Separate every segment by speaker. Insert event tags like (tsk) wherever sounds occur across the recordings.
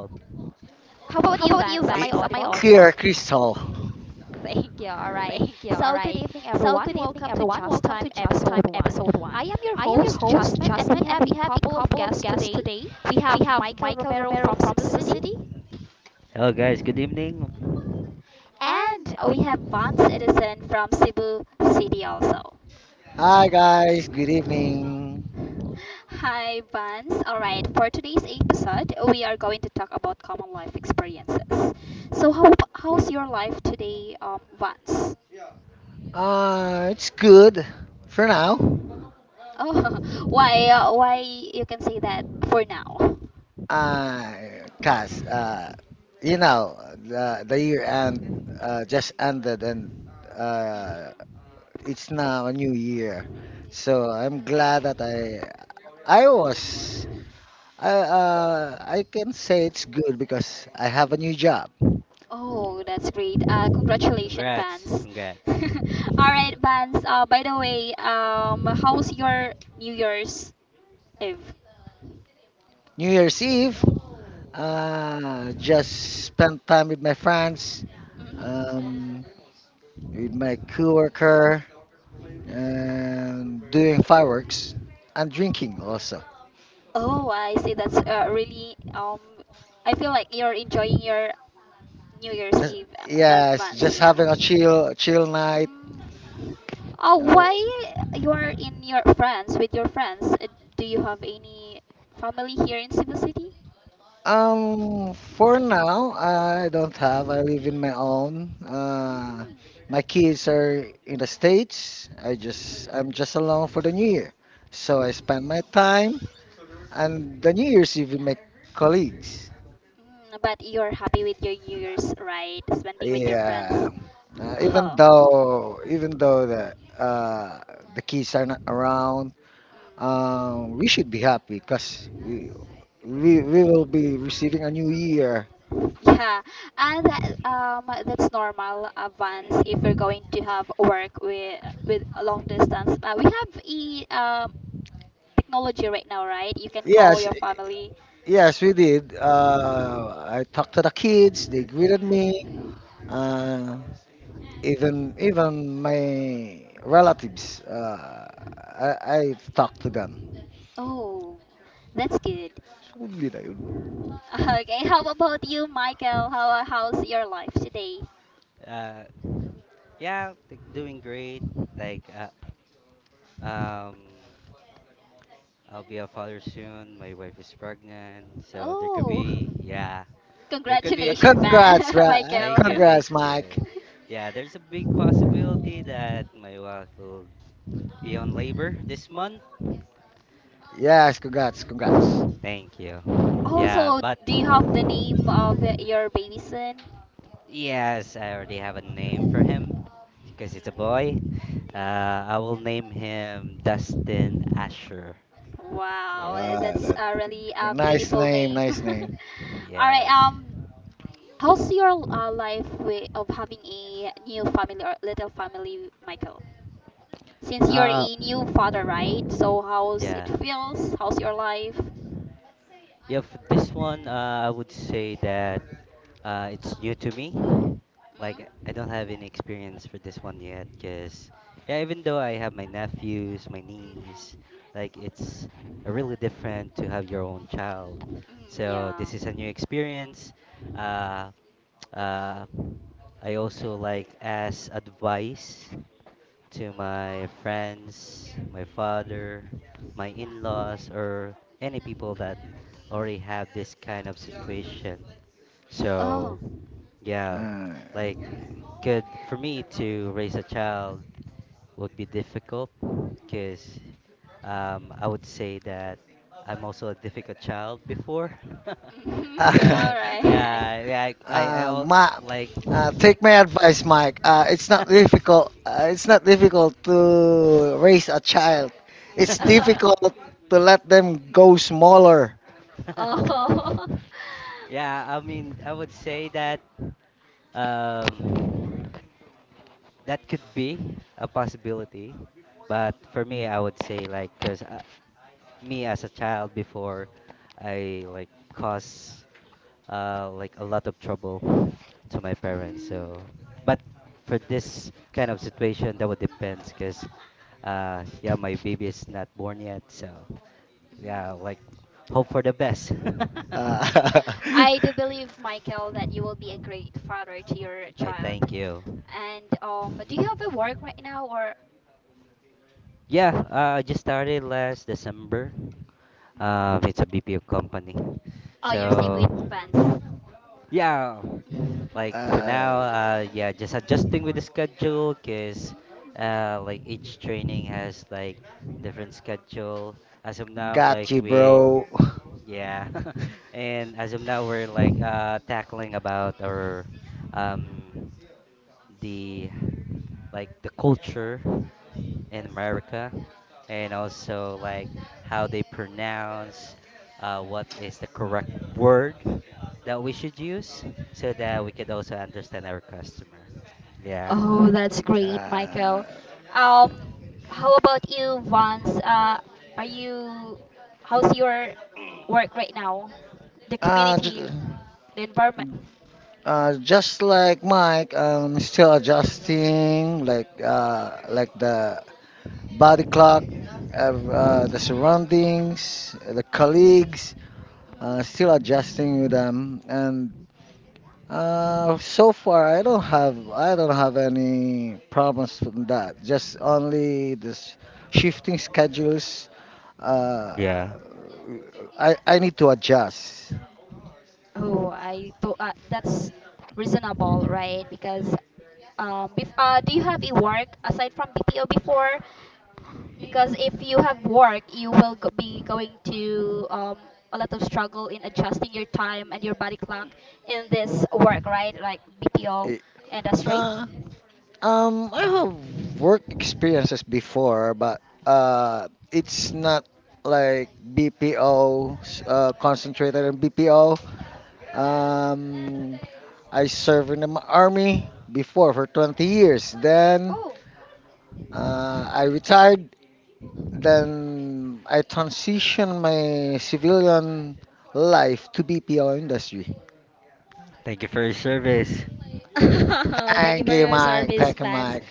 Speaker 1: How about you, Vance? Am I
Speaker 2: I-
Speaker 1: audible?
Speaker 2: Clear Crystal.
Speaker 1: (laughs) Thank you. All right. So, good evening, everyone. Welcome to Just Time Episode 1. I am your host, Jasmine, and we have a couple of guests today. We have Michael Romero from Cebu City,
Speaker 3: Hello, guys. Good evening.
Speaker 1: and we have Vance Edison from Cebu City also.
Speaker 2: Hi guys, good evening.
Speaker 1: Hi, Vance. All right. For today's episode, we are going to talk about common life experiences. So, how's your life today, Vance?
Speaker 2: It's good for now.
Speaker 1: Mhm. Oh, (laughs) why you can say that for now?
Speaker 2: Uh, cause You know the year end just ended, and
Speaker 1: Mhm.
Speaker 2: uh, it's now a new year, so I'm glad that
Speaker 1: Mhm.
Speaker 2: I was I can say it's good because I have a new job.
Speaker 1: Oh, that's great. Congratulations,
Speaker 3: Congrats,
Speaker 1: Vance. (laughs)
Speaker 3: congrats.
Speaker 1: All right, Vance. By the way, how's your New Year's Eve?
Speaker 2: New Year's Eve, just spent time with my friends,
Speaker 1: Mhm.
Speaker 2: um, with my coworker, and doing fireworks and drinking also.
Speaker 1: Oh, I see. That's really, I feel like you're enjoying your New Year's
Speaker 2: Just
Speaker 1: Eve
Speaker 2: Yes,
Speaker 1: advance,
Speaker 2: just
Speaker 1: yeah.
Speaker 2: having a chill night.
Speaker 1: Mm. Oh,
Speaker 2: Uh,
Speaker 1: why you are in your friends with your friends? Do you have any family here in Cebu City?
Speaker 2: for now I don't have. I live in my own.
Speaker 1: Mm.
Speaker 2: My kids are in the states. I'm just alone for the new year, so I spend my time and the New Year's Eve with my colleagues.
Speaker 1: Mm, but you're happy with your New Year's, right? Spending with your
Speaker 2: Yeah.
Speaker 1: friends.
Speaker 2: Uh,
Speaker 1: (laughs)
Speaker 2: even
Speaker 1: Oh.
Speaker 2: though even though uh, the kids are not around, we should be happy because we will be receiving a new year.
Speaker 1: Yeah, and that's normal advance if you're going to have work with a long distance. We have a technology right now, right? You can call
Speaker 2: Yes,
Speaker 1: your family.
Speaker 2: yes, we did. I talked to the kids. They greeted me.
Speaker 1: Hmm.
Speaker 2: Uh, even my relatives. I talked to them.
Speaker 1: Oh, that's good.
Speaker 2: So,
Speaker 1: (laughs) Okay, how about you, Michael? How's your life today?
Speaker 3: Uh, yeah, like doing great. Like, um, I'll be a father soon. My wife is pregnant, so there could
Speaker 1: Oh,
Speaker 3: be, yeah,
Speaker 1: (laughs)
Speaker 3: there could be.
Speaker 1: congratulations, man,
Speaker 2: congrats,
Speaker 1: (laughs)
Speaker 3: Thank
Speaker 1: Michael. (laughs)
Speaker 3: you, thank
Speaker 2: congrats, Mike.
Speaker 3: you. Yeah, there's a big possibility that my wife will be on labor this month.
Speaker 2: Yes, congrats, congrats.
Speaker 3: Thank you. Yeah,
Speaker 1: Also,
Speaker 3: but
Speaker 1: do you have the name of your baby son?
Speaker 3: Yes, I already have a name for him
Speaker 1: Mm.
Speaker 3: because it's a boy.
Speaker 1: Mm.
Speaker 3: I will name him Dustin Asher.
Speaker 1: Wow,
Speaker 3: Yeah,
Speaker 2: Wow,
Speaker 1: that's
Speaker 2: that
Speaker 1: a really a
Speaker 2: nice
Speaker 1: beautiful
Speaker 2: name,
Speaker 1: name. (laughs)
Speaker 2: nice name.
Speaker 1: All right,
Speaker 3: yes.
Speaker 1: how's your life way of having a new family or little family, Michael? Since you're
Speaker 3: Uh,
Speaker 1: a new father, right? So how's it
Speaker 3: yeah.
Speaker 1: feels? How's your life?
Speaker 3: Yeah, for this one, I would say that it's new to me. Like I
Speaker 1: Mm?
Speaker 3: don't have any experience for this one yet, cause yeah, even though I have my nephews, my niece,
Speaker 1: Mm-hmm.
Speaker 3: like it's a really different to have your own child.
Speaker 1: Mm,
Speaker 3: So
Speaker 1: yeah.
Speaker 3: this is a new experience. Uh, uh, I also like ask advice to my friends, my father, my
Speaker 1: Mm-hmm.
Speaker 3: in-laws, or any people that already have this kind of situation. So
Speaker 1: Oh.
Speaker 3: yeah,
Speaker 2: Uh,
Speaker 3: like good for me to raise a child would be difficult because I would say that I'm also a difficult child before. (laughs)
Speaker 1: Mm-hmm. (laughs) All
Speaker 3: Uh
Speaker 2: (laughs)
Speaker 1: right.
Speaker 3: yeah, I, I, I
Speaker 2: uh,
Speaker 3: al-
Speaker 2: Ma,
Speaker 3: like. (laughs)
Speaker 2: take my advice, Mike. It's not difficult. It's not difficult to raise a child. It's difficult
Speaker 1: (laughs)
Speaker 2: to let them go smaller.
Speaker 1: Oh.
Speaker 3: Yeah, I mean, I would say that um, that could be a possibility, but for me, I would say like, cause me as a child before I like cause like a lot of trouble to my
Speaker 1: (laughs) Mm.
Speaker 3: parents. So, but for this kind of situation, that would depends because yeah, my baby is not born yet. So yeah,
Speaker 1: Mm.
Speaker 3: like hope for the best.
Speaker 2: Uh,
Speaker 3: (laughs)
Speaker 1: I do believe, Michael, that you will be a great father to your
Speaker 3: I
Speaker 1: child.
Speaker 3: thank you.
Speaker 1: And do you have a work right now, or?
Speaker 3: Yeah, I just started last December.
Speaker 1: Mhm.
Speaker 3: It's a BPO company.
Speaker 1: Oh, you're same with
Speaker 3: So
Speaker 1: Vance. (laughs)
Speaker 3: yeah,
Speaker 2: (laughs)
Speaker 3: like for
Speaker 2: uh,
Speaker 3: now, yeah, just adjusting with the schedule, cause like
Speaker 1: Mm.
Speaker 3: each training has like different schedule. As of now,
Speaker 2: got
Speaker 3: like
Speaker 2: you,
Speaker 3: we,
Speaker 2: bro.
Speaker 3: yeah, (laughs) and as of now we're like tackling about our um the like the culture in America, and also like how they pronounce, what is the correct word that we should use so that we can also understand our customer. Yeah.
Speaker 1: Oh, that's great,
Speaker 2: Uh,
Speaker 1: Michael. Um, how about you, Vance? Are you? How's your work right now? The
Speaker 2: uh, j-
Speaker 1: community, the environment.
Speaker 2: just like Mike, I'm still adjusting, like the body clock, the
Speaker 1: Mm-hmm.
Speaker 2: surroundings, the colleagues. Still
Speaker 1: Mm.
Speaker 2: adjusting with them. And so far I don't have any problems from that. Just only this shifting schedules. Uh,
Speaker 3: Yeah.
Speaker 2: I need to adjust.
Speaker 1: Oh, I thought that's reasonable, right? Because do you have a work aside from BPO before? Because if you have work, you will be going to, a lot of struggle in adjusting your time and your body clock in this work, right, like BPO
Speaker 2: It-
Speaker 1: industry.
Speaker 2: Uh, I have work experiences before, but it's not like BPO uh, concentrated in BPO.
Speaker 1: Mm.
Speaker 2: Um, I served in the army before for 20 years. Then
Speaker 1: Oh,
Speaker 2: I retired, then I transitioned my civilian life to BPO industry.
Speaker 3: Thank you for your service.
Speaker 1: (laughs) thank you
Speaker 2: Thank
Speaker 1: for
Speaker 2: you,
Speaker 1: your
Speaker 2: Mike.
Speaker 1: service,
Speaker 2: Thank you,
Speaker 1: Vance.
Speaker 2: Mike.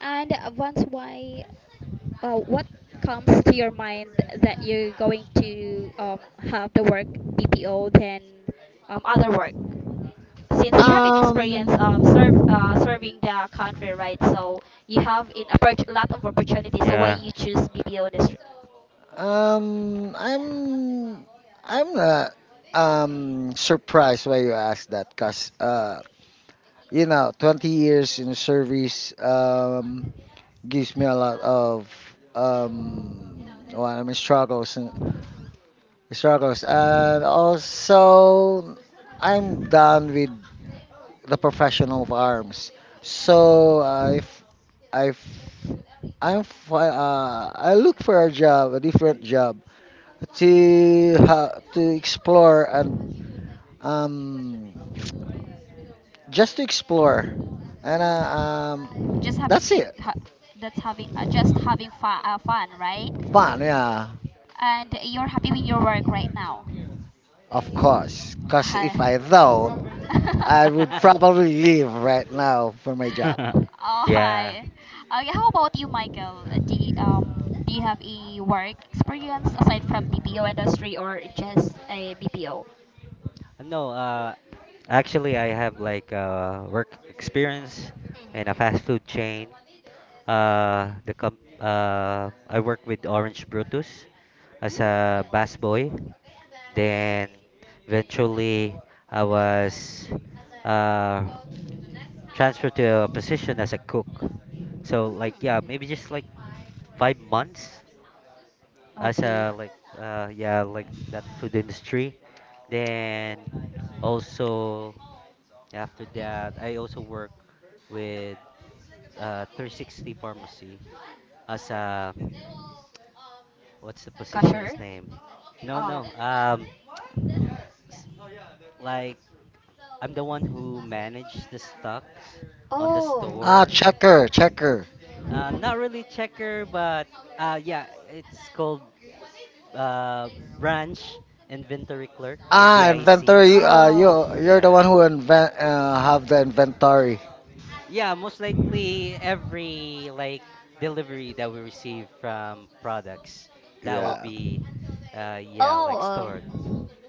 Speaker 1: And Vance, why? What comes to your mind that you're going to have the work BPO than other work? Since you have an experience of
Speaker 2: Um,
Speaker 1: serving the country, right? So you have a lot of opportunities. So why
Speaker 3: Yeah.
Speaker 1: you choose BPO industry?
Speaker 2: um, I'm, I'm not surprised why you asked that, cause you know, 20 years in service gives me a lot of um, well, I mean, struggles. And also, I'm done with the professional of arms. So
Speaker 1: Mm.
Speaker 2: I f- I'm, fi- I look for a job, a different job, to explore and um, just to explore. And
Speaker 1: Mm.
Speaker 2: um,
Speaker 1: Just having
Speaker 2: that's it.
Speaker 1: that's having just having fun, fun, right?
Speaker 2: Fun, yeah,
Speaker 1: And you're happy with your work right now.
Speaker 2: of course. Cause if
Speaker 1: I-
Speaker 2: I don't, I would
Speaker 1: (laughs)
Speaker 2: probably leave right now for my job.
Speaker 3: (laughs)
Speaker 1: All
Speaker 3: Yeah.
Speaker 1: right. Okay, how about you, Michael? Do you have a work experience aside from BPO industry or just a BPO?
Speaker 3: No, actually, I have like work experience
Speaker 1: Mm.
Speaker 3: in a fast food chain. The comp I worked with Orange Brutus as
Speaker 1: Mm.
Speaker 3: a bass boy. Then eventually I was uh, transferred to a position as a cook.
Speaker 1: Mm.
Speaker 3: So like yeah,
Speaker 1: Mm.
Speaker 3: maybe just like 5 months as
Speaker 1: Okay.
Speaker 3: a like yeah like that food industry. Then also after that I also work with 360 Pharmacy as a,
Speaker 1: Mm.
Speaker 3: what's the
Speaker 1: Cashier?
Speaker 3: position's name? No,
Speaker 1: Um.
Speaker 3: no. S- like I'm the one who managed the stocks on the
Speaker 1: Oh.
Speaker 2: Ah,
Speaker 3: store.
Speaker 2: checker, checker.
Speaker 3: Not really checker, but yeah, it's called uh branch inventory clerk or
Speaker 2: Ah,
Speaker 3: BIC.
Speaker 1: (laughs)
Speaker 2: inventory.
Speaker 1: Oh. Oh.
Speaker 2: You're the
Speaker 3: Yeah,
Speaker 2: one who have the inventory.
Speaker 3: yeah. Most likely every like delivery that we receive from products that will
Speaker 1: Oh.
Speaker 2: Yeah,
Speaker 3: be, yeah, like
Speaker 1: Oh.
Speaker 3: stored.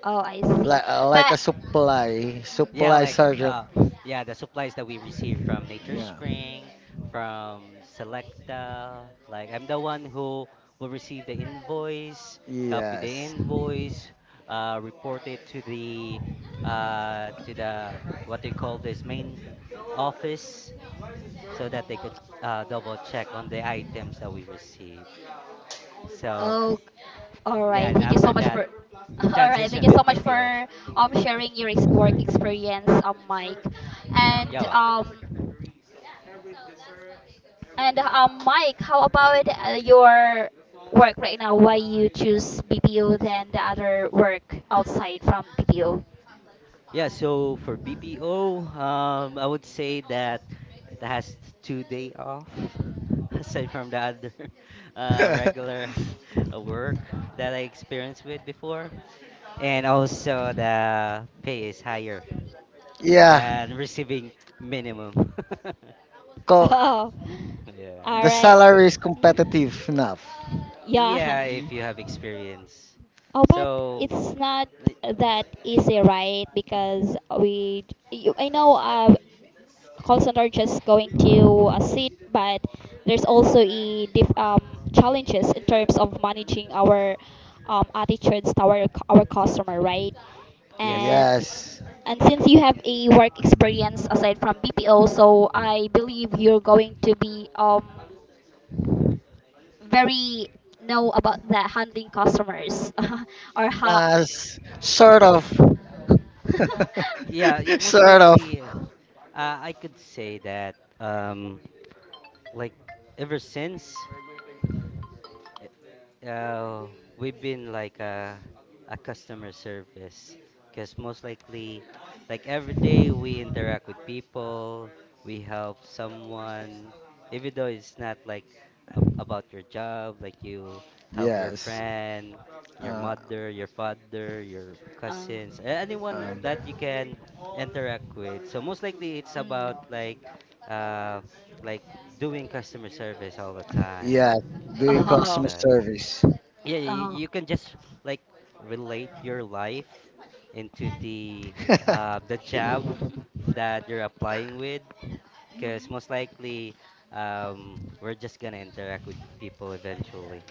Speaker 1: Oh, I see.
Speaker 2: like a
Speaker 1: But
Speaker 3: Yeah,
Speaker 2: supply
Speaker 3: like
Speaker 2: sergeant.
Speaker 3: yeah, the supplies that we receive from Nature
Speaker 2: Yeah.
Speaker 3: Spring,
Speaker 1: Mm.
Speaker 3: from Selecta. Like I'm the one who will receive the invoice, copy the
Speaker 2: Yes.
Speaker 3: invoice, report it to the, uh to the what they call this main office so that they could double check on the items that we receive. So
Speaker 1: Oh, all
Speaker 3: yeah,
Speaker 1: right.
Speaker 3: and
Speaker 1: Thank you
Speaker 3: after
Speaker 1: so much
Speaker 3: that
Speaker 1: for. (laughs) All right. Thank
Speaker 3: transition
Speaker 1: you so
Speaker 3: with
Speaker 1: much
Speaker 3: BPO.
Speaker 1: for sharing your work experience, Mike, and
Speaker 3: You're welcome.
Speaker 1: Mike, how about your work right now? Why you choose BPO than the other work outside from BPO?
Speaker 3: Yeah, so for BPO, I would say that it has 2 day off (laughs) aside from the other (laughs) regular
Speaker 2: (laughs)
Speaker 3: (laughs) work that I experienced with before, and also the pay is higher
Speaker 2: yeah.
Speaker 3: than receiving minimum. (laughs)
Speaker 1: (laughs)
Speaker 2: Co-
Speaker 1: Oh, all
Speaker 2: the
Speaker 3: Yeah.
Speaker 1: right.
Speaker 2: salary is
Speaker 1: Mhm.
Speaker 2: competitive enough.
Speaker 1: Yeah.
Speaker 3: Yeah, if you have experience.
Speaker 1: Oh, but
Speaker 3: So,
Speaker 1: it's not
Speaker 3: uh,
Speaker 1: that easy, right? Because we, you, I know. Call center just going to a seat, but there's also a challenges in terms of managing our attitudes toward our customer, right?
Speaker 3: yes,
Speaker 1: And
Speaker 3: yes.
Speaker 2: Yes. (clears throat)
Speaker 1: and since you have a work
Speaker 2: Mm.
Speaker 1: experience aside from BPO, so I believe you're going to be very know about the handling customers (laughs) or how.
Speaker 2: Uh, sort of.
Speaker 1: (laughs)
Speaker 3: Yeah, yeah,
Speaker 2: (laughs)
Speaker 3: most
Speaker 2: sort of.
Speaker 3: likely I could say that like ever since, uh, we've been like a customer service because most likely, like every day, we interact with people, we help someone, even though it's not like ab about your job, like you help your
Speaker 2: Yes.
Speaker 3: friend, your
Speaker 2: Uh,
Speaker 3: mother, your father, your
Speaker 1: uh,
Speaker 3: cousins, anyone
Speaker 2: um,
Speaker 3: that you can interact with. So most likely, it's about
Speaker 1: mm.
Speaker 3: uh, like doing customer service all the time.
Speaker 2: yeah, doing
Speaker 1: Oh.
Speaker 2: customer
Speaker 3: Uh,
Speaker 2: service.
Speaker 3: yeah,
Speaker 1: Oh.
Speaker 3: you can just like relate your life into the
Speaker 2: (laughs)
Speaker 3: job
Speaker 1: (laughs)
Speaker 3: that you're applying with because
Speaker 1: Mhm.
Speaker 3: most likely, we're just gonna interact with people eventually,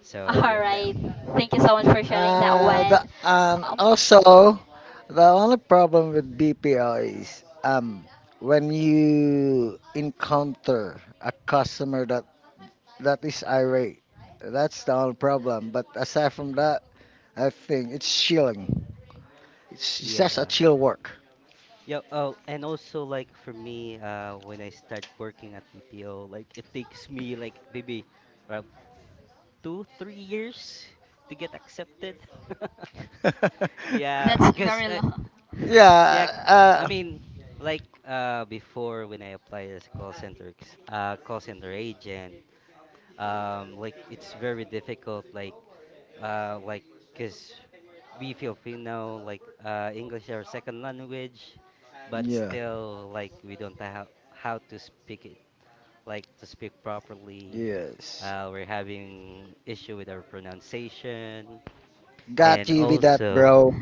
Speaker 3: so
Speaker 1: All
Speaker 3: yeah,
Speaker 1: right.
Speaker 2: yeah.
Speaker 1: Thank you so much for sharing that one.
Speaker 2: The
Speaker 1: Um,
Speaker 2: Also, the only problem with BPO is when you encounter a customer that is irate. That's the only problem. But aside from that, I think it's chilling. It's just a
Speaker 3: yeah,
Speaker 2: chill work.
Speaker 3: yeah. Oh, and also like for me, when I start working at BPO, like it takes me like maybe around 2-3 years to get accepted. (laughs)
Speaker 2: (laughs)
Speaker 3: Yeah,
Speaker 1: that's
Speaker 3: because,
Speaker 1: very long.
Speaker 3: (laughs) yeah,
Speaker 2: yeah.
Speaker 3: I mean, like before when I applied as a call center agent, like it's very difficult, like uh, like because we Filipino, like English is our second language, but
Speaker 2: Yeah.
Speaker 3: still like we don't know how to speak it, like to speak properly.
Speaker 2: Yes.
Speaker 3: We're having issue with our pronunciation
Speaker 2: Got
Speaker 3: and
Speaker 2: you with that,
Speaker 3: also.
Speaker 2: bro.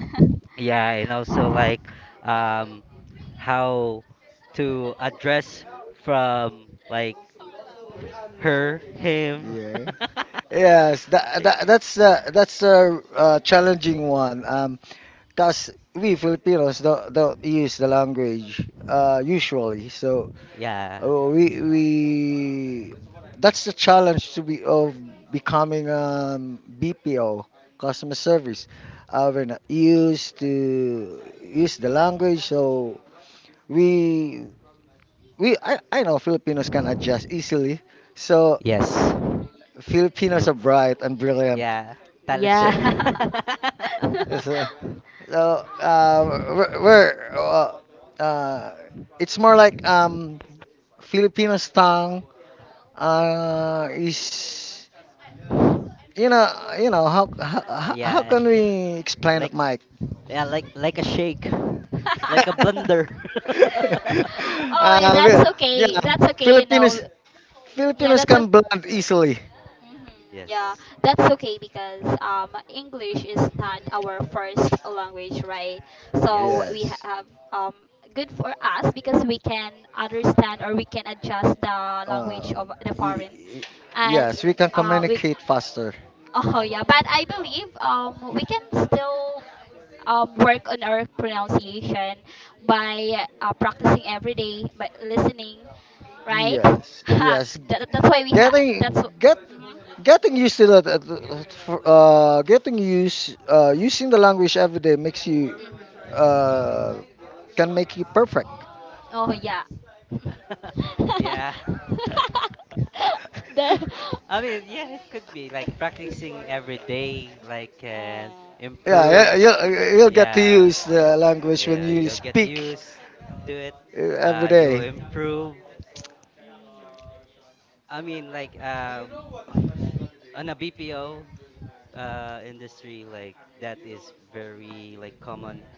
Speaker 3: Yeah, and also like um how to address from like her, him.
Speaker 2: Yeah. Yes,
Speaker 3: (laughs)
Speaker 2: that's the challenging one. Cause we Filipinos don't use the language usually, so
Speaker 3: Yeah.
Speaker 2: we that's the challenge to be of becoming BPO customer service. We're not used to use the language, so we I know Filipinos can adjust easily. So
Speaker 3: Yes.
Speaker 2: Filipinos are
Speaker 3: Oof.
Speaker 2: bright and brilliant.
Speaker 3: Yeah,
Speaker 1: (laughs)
Speaker 3: talented.
Speaker 2: So,
Speaker 1: Yeah.
Speaker 3: (laughs)
Speaker 1: (laughs)
Speaker 2: so, so uh, we're uh, it's more like Filipinos tongue is you know you know how
Speaker 3: Yeah,
Speaker 2: can we explain it,
Speaker 3: like
Speaker 2: Mike?
Speaker 3: yeah, like a shake, (laughs) like a blender.
Speaker 2: (laughs)
Speaker 1: Oh,
Speaker 2: uh, we-
Speaker 1: that's
Speaker 2: yeah,
Speaker 1: okay. That's okay. You know.
Speaker 2: Filipinos
Speaker 1: Yeah,
Speaker 2: Filipinos
Speaker 1: that's okay.
Speaker 2: can blend easily.
Speaker 3: (laughs)
Speaker 1: Mm-hmm. Yeah,
Speaker 3: Yes.
Speaker 1: that's okay because English is not our first language, right? So
Speaker 3: Yes.
Speaker 1: we
Speaker 2: Yes.
Speaker 1: have um good for us because we can understand or we can adjust the language
Speaker 2: Um,
Speaker 1: of the
Speaker 2: y-
Speaker 1: foreign,
Speaker 2: y-
Speaker 1: and
Speaker 2: yes, we can
Speaker 1: we.
Speaker 2: communicate faster.
Speaker 1: Oh yeah, but I believe we can still work on our pronunciation by practicing every day by listening, right? (laughs)
Speaker 2: Yes,
Speaker 1: Ha,
Speaker 2: yes.
Speaker 1: that's why we have.
Speaker 2: Getting
Speaker 1: That's.
Speaker 2: get
Speaker 1: Mhm.
Speaker 2: Getting used to that. Getting used using the language every day makes you
Speaker 1: Mhm.
Speaker 2: uh, can make you perfect.
Speaker 1: Oh yeah.
Speaker 3: (laughs)
Speaker 1: (laughs)
Speaker 3: Yeah.
Speaker 1: the
Speaker 3: (laughs) I
Speaker 2: (laughs)
Speaker 3: mean, yeah, it could be like
Speaker 1: (laughs) uh,
Speaker 3: practicing every day, like can improve.
Speaker 2: yeah, yeah, you'll, you'll get to
Speaker 3: Yeah,
Speaker 2: use the language when
Speaker 3: yeah,
Speaker 2: you
Speaker 3: you'll get
Speaker 2: speak
Speaker 3: used to it.
Speaker 2: every
Speaker 3: You'll
Speaker 2: day.
Speaker 3: improve. I mean, like on a BPO industry, like that is very like common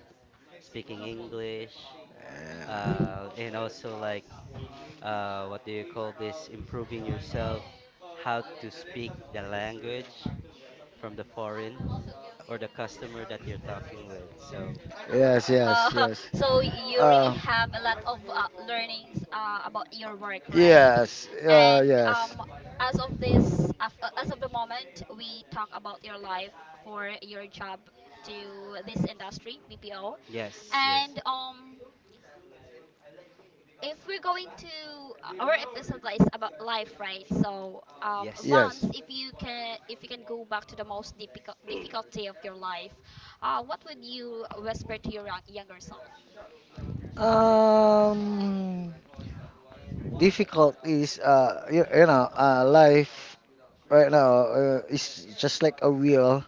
Speaker 1: mm,
Speaker 3: speaking English,
Speaker 1: mm-hmm. Hmm. Mm. (laughs)
Speaker 3: and also like, what do you call this? Improving
Speaker 2: Yeah.
Speaker 3: yourself, how to speak the language. From the foreign or the customer that you're talking with. So,
Speaker 2: Yes, yes,
Speaker 1: Uh,
Speaker 2: yes.
Speaker 1: (laughs) so you really
Speaker 2: Uh,
Speaker 1: have a lot of learnings about your work, right? And
Speaker 2: yes,
Speaker 1: as of this, as of the moment, we talk about your life for your job to this industry, BPO,
Speaker 3: yes,
Speaker 1: and
Speaker 3: yes,
Speaker 1: if we're going to our episode is about life, right? So
Speaker 3: yes,
Speaker 1: Vance,
Speaker 2: yes.
Speaker 1: if you can go back to the most difficult difficulty of your life, what would you whisper to your younger self?
Speaker 2: Um, difficult is you, you know, life right now is just like a wheel.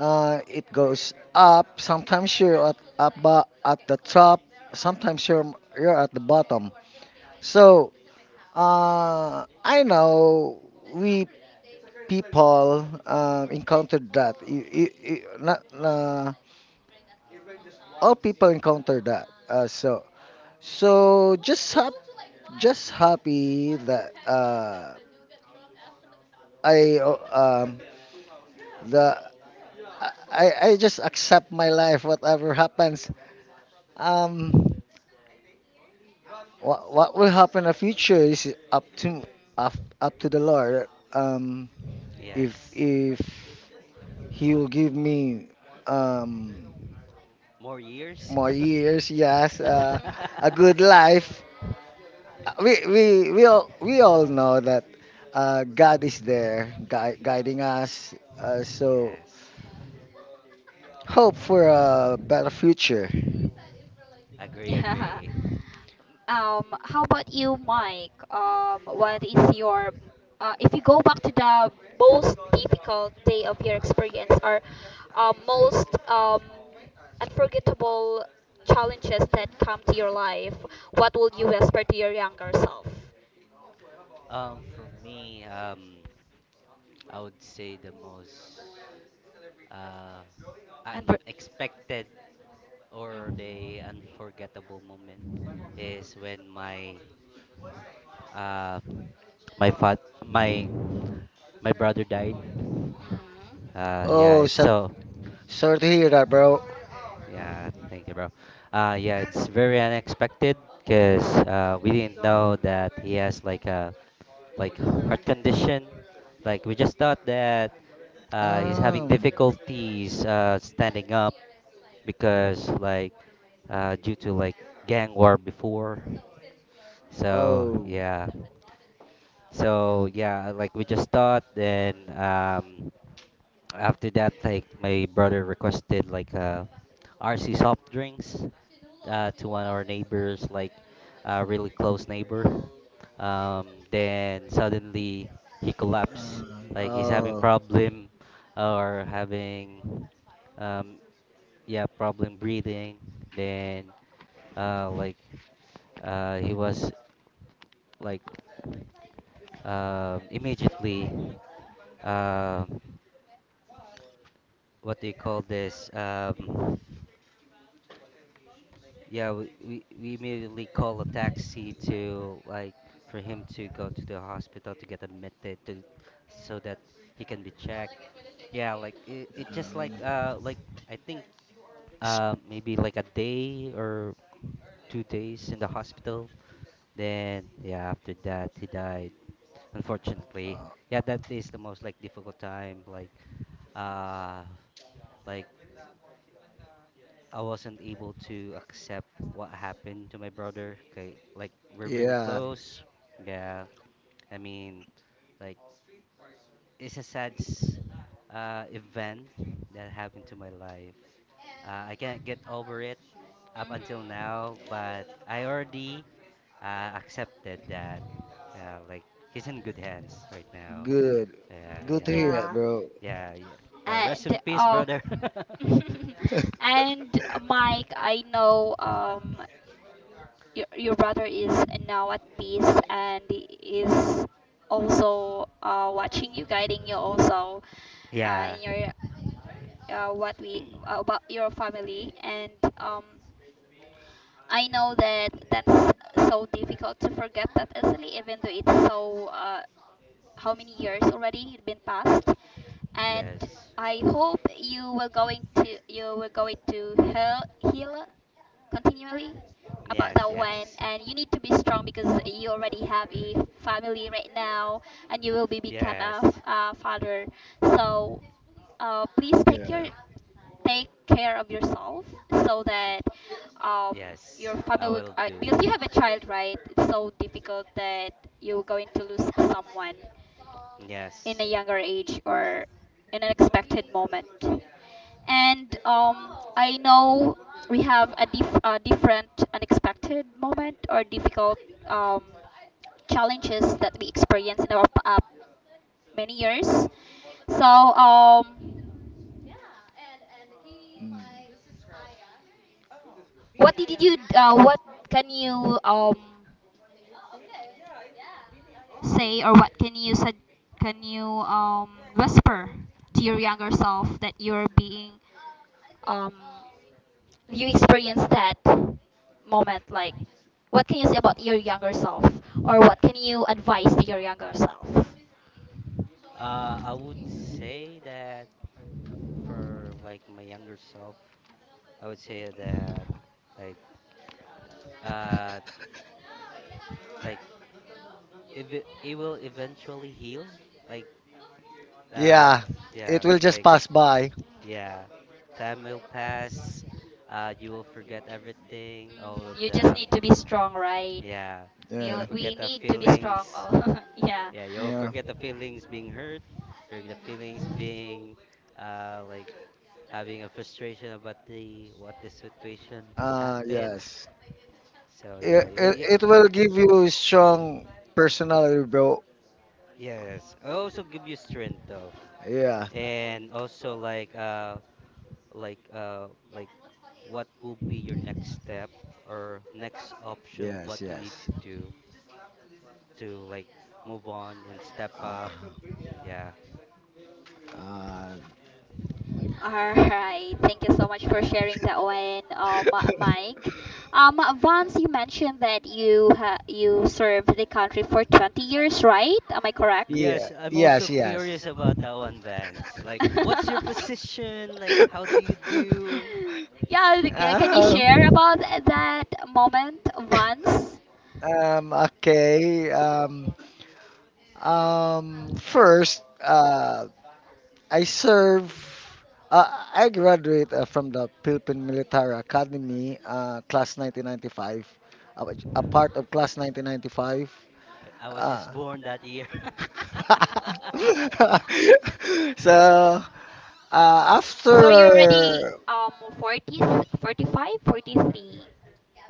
Speaker 2: It goes up. Sometimes you're at the top.
Speaker 1: You.
Speaker 2: Sometimes you're at the
Speaker 1: Mhm.
Speaker 2: bottom.
Speaker 1: Are-.
Speaker 2: So I know we people encountered that. Not all people encounter that. So just hap just happy that I um the I just accept my life whatever happens. Um, what will happen in the future is up to up up to the Lord. Um,
Speaker 3: yes.
Speaker 2: if he'll give me um
Speaker 3: More years?
Speaker 2: more years, yes, a
Speaker 3: (laughs)
Speaker 1: (laughs)
Speaker 2: good life. We all know that God is there, guiding us. So
Speaker 3: Yes.
Speaker 2: hope for a better future.
Speaker 3: Agree,
Speaker 1: Yeah.
Speaker 3: agree.
Speaker 1: How about you, Mike? What is your, if you go back to the most difficult day of your experience or most unforgettable challenges that come to your life, what will you whisper to your younger self?
Speaker 3: For me, I would say the most uh
Speaker 1: And,
Speaker 3: unexpected or the
Speaker 1: mm-hmm.
Speaker 3: unforgettable moment is when my uh my fat my my brother died.
Speaker 1: Really.
Speaker 2: Oh,
Speaker 3: Yeah.
Speaker 2: sad,
Speaker 3: So
Speaker 2: sorry to hear that, bro.
Speaker 3: yeah, thank you, bro. Yeah, it's very unexpected because we didn't know that he has like a, like, heart condition. Like we just thought that, he's having
Speaker 2: Um.
Speaker 3: difficulties, standing up because like, due to like gang war before. So
Speaker 2: Oh.
Speaker 3: yeah, so yeah, like we just thought. Then, after that, like my brother requested like, RC soft drinks, to one of our neighbors, like a really close neighbor. Then suddenly he collapsed, like he's having
Speaker 2: Oh.
Speaker 3: problem or having, um, yeah, problem breathing. Then, like, he was like, immediately, um, what do you call this? Yeah, we immediately call a taxi to like for him to go to the hospital to get admitted to, so that he can be checked. Yeah, like it just like I think maybe like a day or 2 days in the hospital. Then yeah, after that he died, unfortunately.
Speaker 2: uh,
Speaker 3: Yeah, that is the most like difficult time, uh like. I wasn't able to accept what happened to my brother. Okay, like we're really
Speaker 2: yeah.
Speaker 3: close. Yeah, I mean, like it's a sad, event that happened to my life. I can't get over it up until
Speaker 1: Mhm.
Speaker 3: now, but I already, accepted that. Yeah, like he's in good hands right now.
Speaker 2: Good.
Speaker 1: Mhm.
Speaker 3: Yeah,
Speaker 1: Mm,
Speaker 2: Good to
Speaker 3: yeah,
Speaker 2: hear
Speaker 3: like
Speaker 2: that,
Speaker 1: yeah.
Speaker 2: bro.
Speaker 3: yeah, yeah. Rest
Speaker 1: And
Speaker 3: in peace, brother.
Speaker 1: (laughs)
Speaker 2: (laughs)
Speaker 1: And Mike, I know your brother is now at peace, and he is also watching you, guiding you also
Speaker 3: (laughs) Yeah.
Speaker 1: in your what we about your family, and um I know that that's so difficult to forget that easily, even though it's so how many years already it been passed. And
Speaker 3: Yes.
Speaker 1: I hope you will going to heal, continually about that
Speaker 3: Yes.
Speaker 1: one.
Speaker 3: Yes.
Speaker 1: And you need to be strong because you already have a family right now, and you will be become a, f-
Speaker 3: Yes.
Speaker 1: a father. So please
Speaker 2: yeah.
Speaker 1: take care of yourself so that
Speaker 3: Y-
Speaker 1: um, your
Speaker 3: Yes,
Speaker 1: family
Speaker 3: I will do.
Speaker 1: because you have a child, right? It's so difficult that you're going to lose someone in a
Speaker 3: Yes.
Speaker 1: younger age or in an expected moment. And I know we have a different unexpected moment or difficult um, challenges that we experience in our many years. So,
Speaker 2: Mm.
Speaker 1: what did you? What can you say, or what can you whisper to your younger self that um you experience that moment, like, what can you say about your younger self or what can you advise to your younger self?
Speaker 3: I would say that, f- for like my younger self, I would say that like uh like if it, it will eventually heal, like uh
Speaker 2: Yeah. It
Speaker 3: yeah,
Speaker 2: will just
Speaker 3: like
Speaker 2: pass by.
Speaker 3: yeah, time will pass. You will forget everything,
Speaker 1: Hmm,
Speaker 3: all
Speaker 1: you just
Speaker 3: the,
Speaker 1: need to be strong, right?
Speaker 3: yeah,
Speaker 1: we, all-
Speaker 3: you'll
Speaker 2: Yeah.
Speaker 1: we
Speaker 3: forget the
Speaker 1: need to be strong. Oh.
Speaker 3: feelings.
Speaker 1: (laughs) Yeah.
Speaker 3: Yeah, you'll
Speaker 2: Yeah.
Speaker 3: forget the feelings being hurt, or the feelings
Speaker 1: Mm.
Speaker 3: being, like having a frustration about the what the situation
Speaker 2: Ah,
Speaker 3: happened.
Speaker 2: yes.
Speaker 3: So yeah, yeah, yeah,
Speaker 2: It will give you strong personality, bro.
Speaker 3: yes. It also give you strength though,
Speaker 2: Yeah.
Speaker 3: and also like, like what will be your next step or next option,
Speaker 2: Yes,
Speaker 3: what you need
Speaker 2: yes.
Speaker 3: to do to like move on and step up.
Speaker 2: Ah.
Speaker 3: Yeah.
Speaker 2: ah.
Speaker 1: All right. Thank you so much for
Speaker 3: (laughs)
Speaker 1: sharing that one,
Speaker 2: (laughs)
Speaker 1: Mike. Vance, you mentioned that you served the country for 20 years, right? Am I correct?
Speaker 2: Yeah.
Speaker 3: Yes, I'm
Speaker 2: Yes.
Speaker 3: also
Speaker 2: Yes.
Speaker 3: curious about that one, Vance. Like, what's your
Speaker 1: (laughs)
Speaker 3: position? Like, how do you
Speaker 2: (laughs)
Speaker 3: do?
Speaker 1: Yeah, can you
Speaker 2: Um.
Speaker 1: share about that moment once?
Speaker 2: Okay. First. I serve. Uh, I graduate from the Philippine Military Academy, class 1995. I was a part of class 1995.
Speaker 3: I was
Speaker 2: Uh,
Speaker 3: just born that year. (laughs)
Speaker 2: (laughs) so
Speaker 1: So you're already
Speaker 2: after
Speaker 1: 40, 45, 43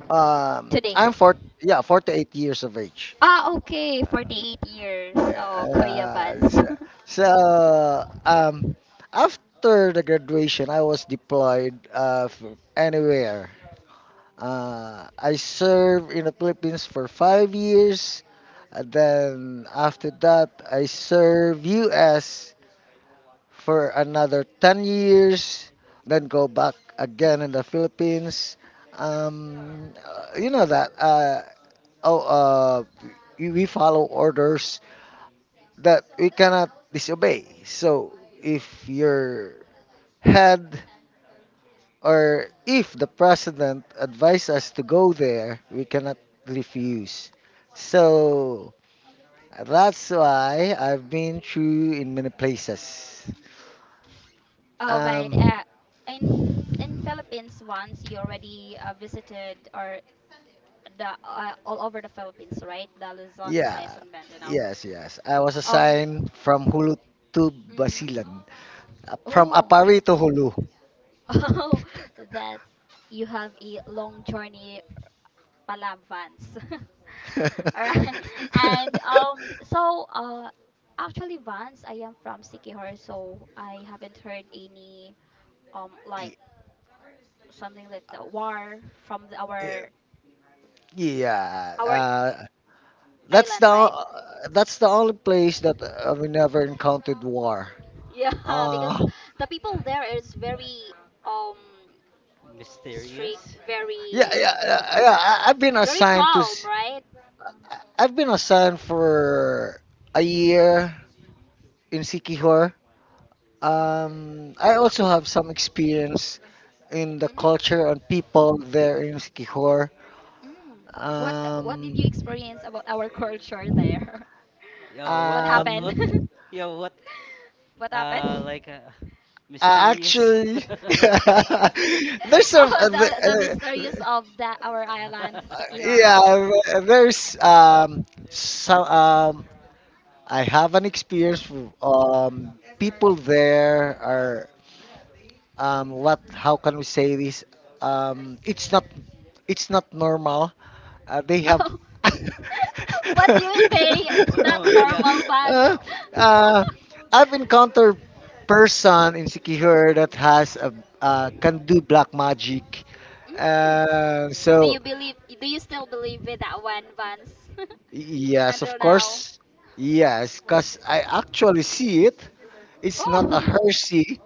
Speaker 1: today.
Speaker 2: I'm 48 years of age.
Speaker 1: Ah, okay,
Speaker 3: Wow.
Speaker 1: 48 years. Oh, Kuya
Speaker 2: Uh,
Speaker 1: Vance.
Speaker 2: so,
Speaker 1: (laughs)
Speaker 2: so, um, After the graduation, I was deployed anywhere. I served in the Philippines for 5 years. And then after that, I served U.S. for another 10 years. Then go back again in the Philippines. You know that. Oh, uh, we follow orders that we cannot disobey. So if your head, or if the president advised us to go there, we cannot refuse. So that's why I've been through in many places.
Speaker 1: All right.
Speaker 2: Um,
Speaker 1: In Philippines once you already visited or the all over the Philippines, right? The Luzon, Visayas,
Speaker 2: yeah,
Speaker 1: and Mindanao.
Speaker 2: yes, yes. I was
Speaker 1: Um.
Speaker 2: assigned from Hulu to
Speaker 1: Hmm.
Speaker 2: Basilan, from
Speaker 1: Oh.
Speaker 2: Apari
Speaker 1: (laughs)
Speaker 2: to Hulu.
Speaker 1: Oh, that's you have a long journey, Palavans, (laughs) Vance. Alright. And
Speaker 2: (laughs)
Speaker 1: so actually, Vans. I am from Sikihor, so I haven't heard any like
Speaker 2: Y-
Speaker 1: something like the war from the,
Speaker 2: eh, Yeah,
Speaker 1: our
Speaker 2: that's
Speaker 1: island,
Speaker 2: the
Speaker 1: right?
Speaker 2: o- that's the only place that we never encountered war.
Speaker 1: (laughs) Yeah, because
Speaker 2: Uh,
Speaker 1: the people there is very um strict,
Speaker 3: Mysterious?
Speaker 1: very,
Speaker 3: (laughs)
Speaker 2: I've been
Speaker 1: very calm, right?
Speaker 2: I've been assigned for a year in Sikihor. I also have some experience in the
Speaker 1: Mhm.
Speaker 2: culture and people there in Sikihor.
Speaker 1: Mm. What did
Speaker 2: Um,
Speaker 1: you experience about our culture there?
Speaker 3: Yo,
Speaker 1: (laughs)
Speaker 3: what,
Speaker 1: What
Speaker 3: what,
Speaker 1: happened?
Speaker 3: what?
Speaker 1: (laughs)
Speaker 2: um,
Speaker 3: Yo, what?
Speaker 1: What happened?
Speaker 3: Like, mysterious?
Speaker 2: Actually, (laughs) there's
Speaker 1: (laughs)
Speaker 2: some.
Speaker 3: (laughs)
Speaker 1: Oh, the mysterious of that our island, Sikior.
Speaker 2: Yeah, there's some
Speaker 3: (laughs)
Speaker 2: I have an experience people there are what, how can we say this, it's not normal. They have
Speaker 1: Oh, (laughs) what do you mean
Speaker 2: (laughs)
Speaker 1: by it's
Speaker 3: Well,
Speaker 1: not
Speaker 3: oh yeah,
Speaker 1: normal bands?
Speaker 2: uh, uh, I've encountered person in Sikihor that has a can do black magic,
Speaker 1: (laughs) Mm. Do
Speaker 2: so
Speaker 1: you believe? Do you still believe with that one, Vance? (laughs)
Speaker 2: yes, of
Speaker 1: Until now.
Speaker 2: course. Yes, because I actually see it. It's not a
Speaker 1: Oh. (laughs)
Speaker 2: Hershey.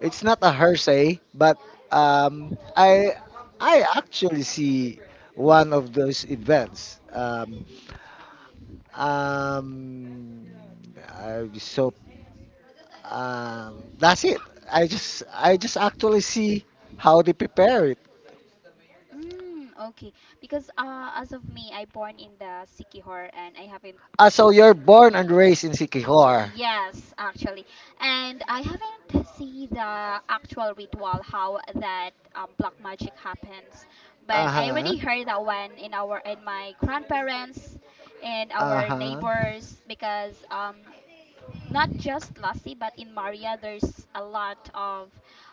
Speaker 2: It's not a Hershey, but um, I I actually see one of those events. Um, I, so That's it. I just actually see how they prepare it.
Speaker 1: Mm, okay. Because as of me, I born in the Sikihor and I haven't.
Speaker 2: Ah, so you're born and raised in Sikihor.
Speaker 1: Yes, actually. And I haven't seen the actual ritual how that black magic happens,
Speaker 2: Uh
Speaker 1: but I
Speaker 2: huh.
Speaker 1: already heard that one in my grandparents and
Speaker 2: Uh
Speaker 1: our
Speaker 2: huh.
Speaker 1: neighbors because not just Lassie, but in Maria, there's a lot of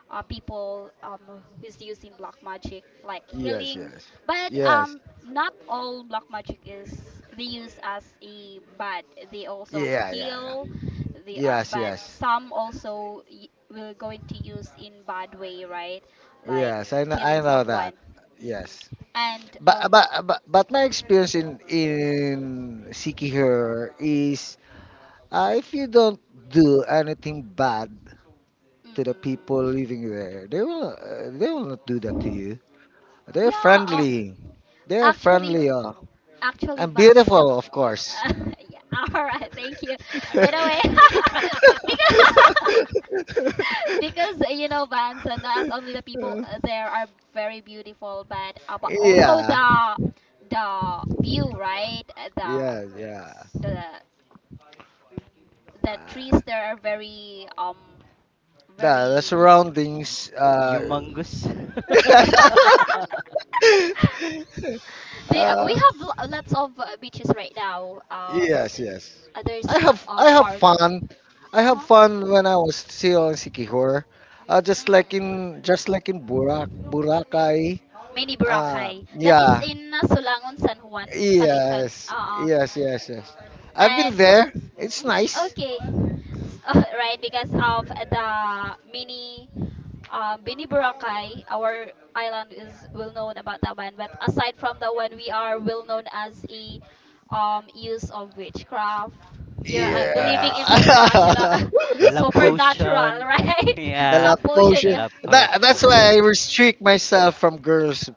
Speaker 1: people who's using black magic, like
Speaker 2: Yes,
Speaker 1: healing.
Speaker 2: yes,
Speaker 1: But
Speaker 2: yes.
Speaker 1: not all black magic is they use as a bad. They also
Speaker 2: Yeah, yeah, yeah.
Speaker 1: heal. They
Speaker 2: Yes,
Speaker 1: but
Speaker 2: yes,
Speaker 1: some also will going to use in bad way, right? Like
Speaker 3: yeah,
Speaker 2: yes.
Speaker 1: killing
Speaker 2: I know
Speaker 3: yeah.
Speaker 1: someone.
Speaker 2: that.
Speaker 1: Hmm.
Speaker 2: Yes,
Speaker 1: And
Speaker 2: but my experience in seeking her is if you don't do anything bad to the people
Speaker 1: Mhm.
Speaker 2: living there, they will not do that to you. They're
Speaker 1: Yeah,
Speaker 2: friendly.
Speaker 3: Yeah.
Speaker 2: They're
Speaker 1: actually
Speaker 2: friendly.
Speaker 1: actually
Speaker 2: And
Speaker 1: Vance the
Speaker 2: beautiful, of course.
Speaker 1: (laughs) yeah, all right, thank you, by the
Speaker 3: Agree,
Speaker 1: way,
Speaker 3: agree.
Speaker 2: (laughs)
Speaker 1: (laughs) because,
Speaker 3: (laughs)
Speaker 1: (laughs) because you know, Vance, not only the people there are very beautiful, but but also
Speaker 2: yeah.
Speaker 1: the view, right?
Speaker 2: Yeah, yeah.
Speaker 3: Yes.
Speaker 1: The the trees there are very
Speaker 2: The
Speaker 1: very
Speaker 3: Y-
Speaker 2: surroundings.
Speaker 3: y- Humongous. (laughs)
Speaker 1: (laughs)
Speaker 2: (laughs)
Speaker 3: Ah,
Speaker 1: we
Speaker 2: Uh,
Speaker 1: have lots of beaches right now,
Speaker 2: yes, yes.
Speaker 1: there is a lot
Speaker 2: I
Speaker 1: of
Speaker 2: have
Speaker 1: foreigner.
Speaker 2: fun. I
Speaker 1: Uh
Speaker 2: have
Speaker 1: huh.
Speaker 2: fun when I was still in Sikihor. Just like in
Speaker 1: Mm.
Speaker 2: Burak Boracay.
Speaker 1: Mini Boracay. That is
Speaker 2: Yeah.
Speaker 1: in Sulangon, San Juan, Palitan.
Speaker 2: Yes. Yes. Yes. Yes. I've been
Speaker 1: And
Speaker 2: there. It's nice.
Speaker 1: okay. S- (laughs) Right, because of the mini Bini Boracay, our island is well known about that one. But aside from that one, we are well known as a use of witchcraft. Yeah, believing in
Speaker 3: yes.
Speaker 2: Yeah.
Speaker 3: The
Speaker 1: supernatural, (laughs)
Speaker 3: the love
Speaker 2: (laughs)
Speaker 1: supernatural,
Speaker 3: potion. (laughs)
Speaker 1: right?
Speaker 2: The
Speaker 1: (laughs)
Speaker 3: Yeah,
Speaker 1: Love
Speaker 2: love
Speaker 1: potion,
Speaker 3: the
Speaker 2: potion.
Speaker 1: yeah.
Speaker 3: love
Speaker 2: That that's
Speaker 3: potion.
Speaker 2: why I restrict myself from girls.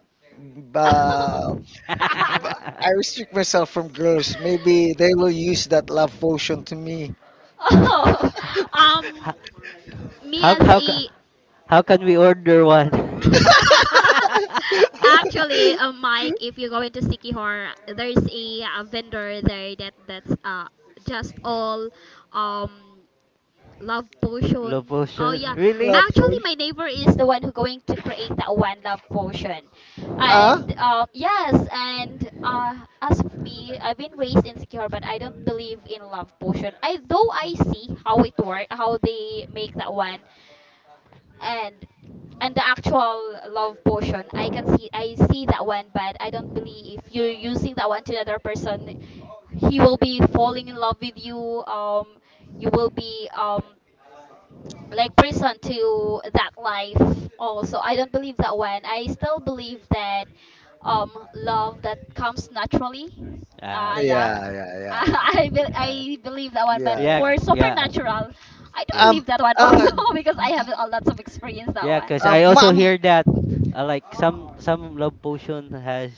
Speaker 2: Uh,
Speaker 3: (laughs)
Speaker 2: I restrict myself from girls. Maybe they will use that love potion to
Speaker 1: (laughs)
Speaker 2: me.
Speaker 1: (laughs) Oh,
Speaker 2: (laughs)
Speaker 1: um,
Speaker 3: how
Speaker 1: me
Speaker 3: how
Speaker 1: as
Speaker 3: how co-
Speaker 1: a
Speaker 3: How can we order one?
Speaker 1: (laughs) actually, Mike,
Speaker 3: (laughs)
Speaker 1: if you go into Sikihor, there's a, vendor there that's just all um love
Speaker 3: Low
Speaker 1: potion. Oh
Speaker 3: potion?
Speaker 1: yeah.
Speaker 3: Really?
Speaker 2: Love
Speaker 1: Actually
Speaker 2: potion.
Speaker 1: my neighbor is the one who going to create that one love potion.
Speaker 2: Ah?
Speaker 1: And yes, and as of me, I've been raised insecure, but I don't believe in love potion. I though I see how it work, how they make that one, and the actual love potion, I can see I see that one, but I don't believe if you're using that one to another person, he will be falling in love with you. You will be like prison to that life. Also, I don't believe that one. I still believe that love that comes naturally.
Speaker 3: Ah,
Speaker 1: Yeah.
Speaker 3: yeah.
Speaker 2: Yeah, yeah,
Speaker 1: (laughs)
Speaker 2: yeah,
Speaker 3: Yeah.
Speaker 1: I believe that one, but
Speaker 2: yeah,
Speaker 3: Yeah.
Speaker 2: yeah,
Speaker 1: for
Speaker 2: yeah.
Speaker 3: Yeah.
Speaker 1: supernatural I don't
Speaker 3: Yeah.
Speaker 2: Um,
Speaker 1: believe that one also.
Speaker 2: uh,
Speaker 1: (laughs) Because I have a lots of experience that
Speaker 3: Yeah,
Speaker 1: one.
Speaker 3: cause I also
Speaker 2: Mom.
Speaker 3: hear that, like some love potion has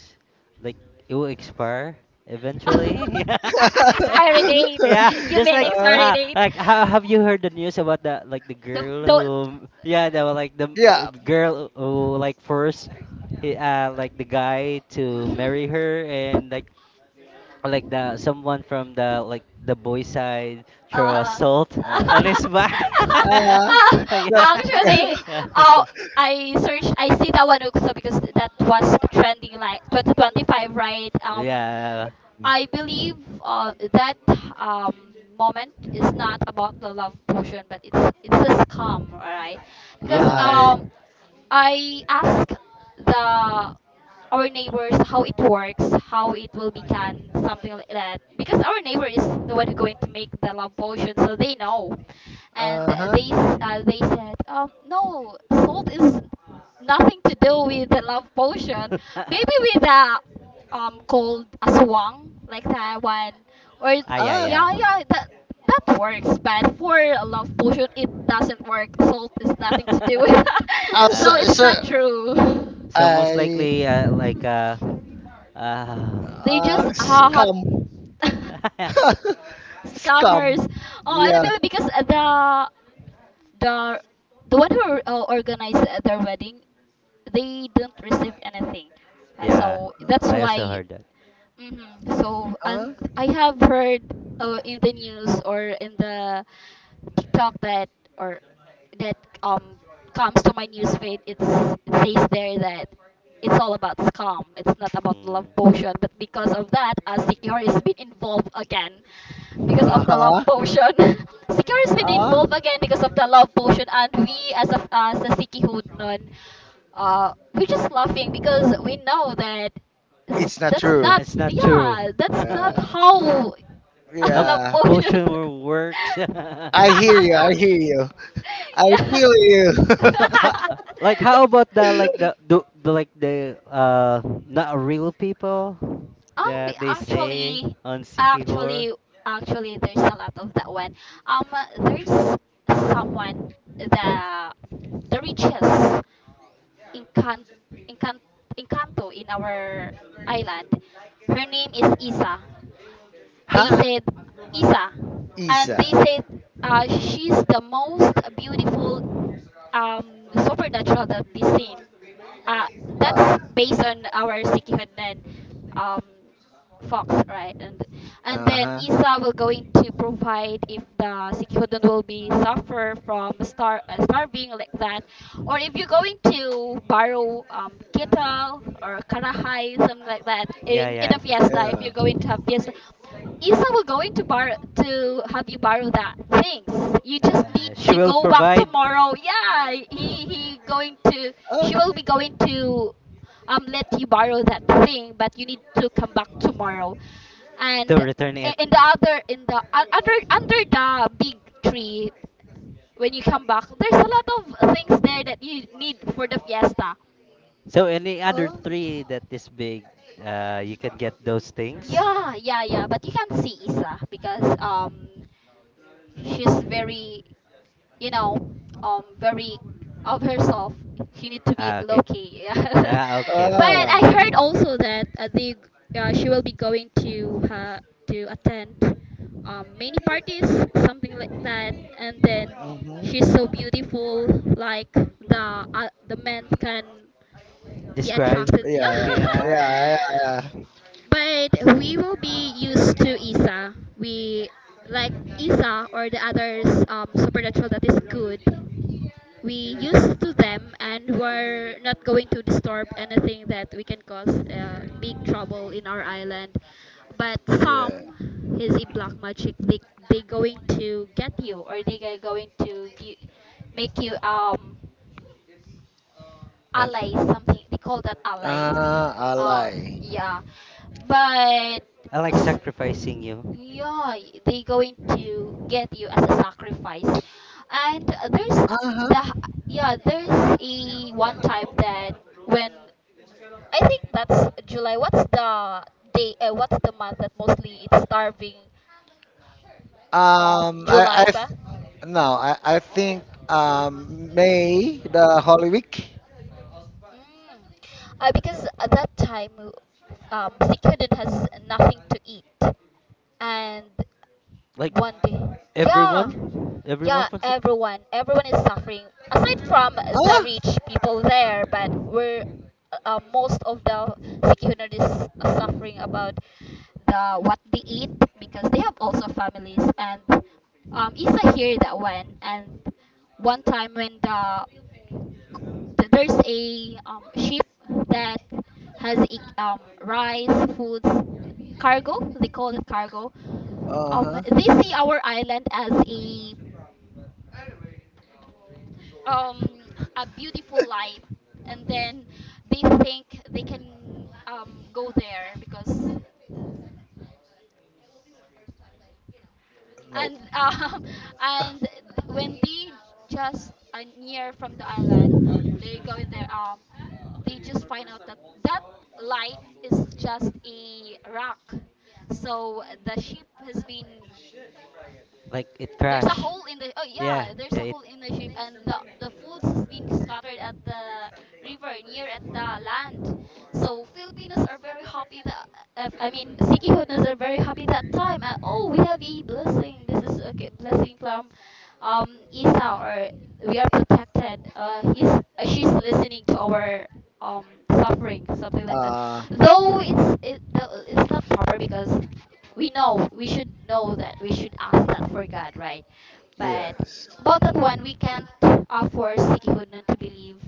Speaker 3: like it will expire eventually.
Speaker 1: (laughs)
Speaker 3: (laughs)
Speaker 2: (laughs)
Speaker 1: Expiry date.
Speaker 3: Yeah,
Speaker 1: You
Speaker 3: just
Speaker 1: mean
Speaker 3: like
Speaker 2: uh,
Speaker 1: expiry date,
Speaker 3: how have you heard the news about the like the girl who,
Speaker 1: the
Speaker 3: yeah, the like the
Speaker 2: yeah.
Speaker 3: girl who like first he like the guy to
Speaker 1: (laughs)
Speaker 3: marry her and like, the
Speaker 1: (laughs)
Speaker 3: someone from the like the boy side throw a
Speaker 1: Uh,
Speaker 3: salt
Speaker 1: (laughs)
Speaker 3: (laughs)
Speaker 1: also
Speaker 3: on
Speaker 2: Uh,
Speaker 3: his back. (laughs)
Speaker 2: uh, so,
Speaker 3: Yeah.
Speaker 1: actually,
Speaker 3: Yeah.
Speaker 1: oh,
Speaker 3: (laughs)
Speaker 1: I searched, I see that one also because that was trending like 2025, right?
Speaker 3: Yeah.
Speaker 1: I
Speaker 2: (laughs)
Speaker 1: believe that um, moment is not about the love potion, but it's a scam, right? Because
Speaker 3: Yeah.
Speaker 2: I
Speaker 1: I asked the our neighbors how it works, how it will be done, something like that. Because our neighbor is the one who going to make the love potion, so they know. And
Speaker 2: uh huh.
Speaker 1: they said, no, salt is nothing to do with the love potion.
Speaker 3: (laughs) Ah,
Speaker 1: Maybe with a called aswang like that one, or
Speaker 3: yeah,
Speaker 2: Ah,
Speaker 3: yeah.
Speaker 1: yeah, yeah, that that works. But for a love potion, it doesn't work. Salt is nothing to do with
Speaker 3: (laughs)
Speaker 1: (laughs) that, so
Speaker 3: uh,
Speaker 1: it's
Speaker 2: so
Speaker 1: not true. (laughs)
Speaker 3: so most
Speaker 2: I
Speaker 3: likely, like, uh,
Speaker 1: They just ha
Speaker 2: scum.
Speaker 1: ha (laughs)
Speaker 3: (laughs)
Speaker 2: (laughs) Scum.
Speaker 1: scammers. Oh, I don't
Speaker 2: Yeah.
Speaker 1: believe because the the one who organized their wedding, they didn't receive anything.
Speaker 3: yeah.
Speaker 1: So that's
Speaker 3: I also
Speaker 1: why.
Speaker 3: heard that.
Speaker 1: Mm-hmm. So, and
Speaker 2: Uh
Speaker 1: I have heard in the news or in the TikTok that, or that um comes to my news feed. It's it says there that it's all about scam. It's not about love
Speaker 3: Mm.
Speaker 1: potion. But because of that, Secure has been involved again because
Speaker 2: uh
Speaker 1: of the
Speaker 3: (laughs)
Speaker 1: love
Speaker 2: huh.
Speaker 1: potion. (laughs) Secure has been
Speaker 2: Uh,
Speaker 1: involved again because of the love potion, and we as a Sikihudnon, we're just laughing because we know that.
Speaker 2: it's not
Speaker 1: That's
Speaker 2: true.
Speaker 3: No,
Speaker 1: not,
Speaker 3: it's not
Speaker 1: yeah,
Speaker 3: true. (laughs)
Speaker 1: that's not
Speaker 2: Yeah.
Speaker 1: how (laughs) a
Speaker 3: Love
Speaker 1: love
Speaker 2: Yeah.
Speaker 1: potion.
Speaker 3: potion works. (laughs)
Speaker 2: I hear you. I hear you.
Speaker 1: (laughs)
Speaker 2: I
Speaker 1: yeah.
Speaker 2: feel you.
Speaker 3: Ha,
Speaker 1: (laughs)
Speaker 3: like how about the like the like the not real people
Speaker 1: Um,
Speaker 3: that they say
Speaker 1: actually,
Speaker 3: on Sikihor?
Speaker 1: actually, actually, there's a lot of that one. Um, there's someone the the richest. Encan- Encan- Encanto in our island. Her name is Isa.
Speaker 2: (laughs)
Speaker 1: They
Speaker 2: ha,
Speaker 1: said Isa, and
Speaker 2: Isa.
Speaker 1: they said she's the most beautiful um, supernatural that they seen. Uh,
Speaker 2: Uh
Speaker 1: that's based on our Sikihoden um, fox, right? And
Speaker 2: uh
Speaker 1: then
Speaker 2: huh.
Speaker 1: Isa will going to provide if the Sikihoden will be suffer from starving like that, or if you're going to borrow kettle or karahay something like that
Speaker 3: Yeah,
Speaker 1: in
Speaker 3: yeah.
Speaker 1: a fiesta. If you're
Speaker 2: Yeah.
Speaker 1: going to have fiesta, Isa will going to bar to have you borrow that things. You just need
Speaker 3: She
Speaker 1: to
Speaker 3: will
Speaker 1: go back
Speaker 3: provide
Speaker 1: tomorrow. Yeah, he going to,
Speaker 2: Uh,
Speaker 1: she will be going to let you borrow that thing, but you need to come back tomorrow. And
Speaker 3: to return it.
Speaker 1: in the other in the under the big tree, when you come back, there's a lot of things there that you need for the fiesta.
Speaker 3: So any other three
Speaker 2: uh,
Speaker 3: that is big, you can get those things.
Speaker 1: Yeah, yeah, yeah. But you can't see Isa because she's very, you know, very of herself. She need to be
Speaker 3: Ah,
Speaker 1: low
Speaker 3: okay.
Speaker 1: key. Yeah. (laughs)
Speaker 3: Ah,
Speaker 2: uh,
Speaker 3: okay, okay,
Speaker 1: But I
Speaker 2: uh.
Speaker 3: okay.
Speaker 1: heard also that the she will be going to attend many parties something like that, and then
Speaker 2: Mhm.
Speaker 1: she's so beautiful like the men can be
Speaker 3: Describe.
Speaker 1: attracted. (laughs)
Speaker 3: Yeah,
Speaker 2: Yeah,
Speaker 1: Yeah,
Speaker 3: yeah.
Speaker 2: yeah, yeah,
Speaker 1: but we will be used to Isa. We like Isa or the others supernatural that is good. We used to them and we're not going to disturb anything that we can cause big trouble in our island. But
Speaker 2: yeah. yeah.
Speaker 1: some is a black magic. They going to get you, or they are going to make you
Speaker 3: Uh,
Speaker 1: alley, something they call that alley.
Speaker 2: I
Speaker 1: Oh
Speaker 2: lie.
Speaker 1: yeah. but
Speaker 3: I like
Speaker 1: s-
Speaker 3: sacrificing you.
Speaker 1: yeah, they going to get you as a sacrifice. And there's
Speaker 2: Uh-huh.
Speaker 1: the h- yeah, there's a one time that when, I think that's july, what's the day, what's the month that mostly it's starving,
Speaker 2: I,
Speaker 1: July ba?
Speaker 2: th- no, I think May, the Holy Week.
Speaker 1: Mm. Because at that time Sikhyudin has nothing to eat, and
Speaker 3: Like
Speaker 1: one day yeah,
Speaker 3: everyone
Speaker 1: yeah,
Speaker 3: from sick.
Speaker 1: everyone, everyone is suffering aside from the
Speaker 2: Ah.
Speaker 1: rich people there, but we're most of the Sikhyudin is suffering about the what they eat because they have also families. And isa hear that one, and one time when there's a ship that has rice, foods, cargo. They call it cargo.
Speaker 2: uh-huh.
Speaker 1: They see our island as um, a beautiful light, and then they think they can um, go there because.
Speaker 2: No.
Speaker 1: And (laughs) and when they just near from the island, they go in there, they just find out that that light is just a rock, so the ship has been,
Speaker 3: Like it
Speaker 1: there's a
Speaker 3: crash.
Speaker 1: hole in the, oh
Speaker 3: Yeah,
Speaker 1: yeah, there's a
Speaker 3: yeah. It.
Speaker 1: hole in the ship, and the foods has been scattered at the river near at the land. So Filipinos are very happy that, I mean Sikihodnas are very happy that time. Oh, we have a blessing. This is a blessing from um Isa, or we are protected. He's she's listening to our um suffering, something like that.
Speaker 2: Uh,
Speaker 1: Though it's not proper because we know we should know that we should ask that for god, right? But
Speaker 2: yes.
Speaker 1: about that one, we can't offer sikihud not to believe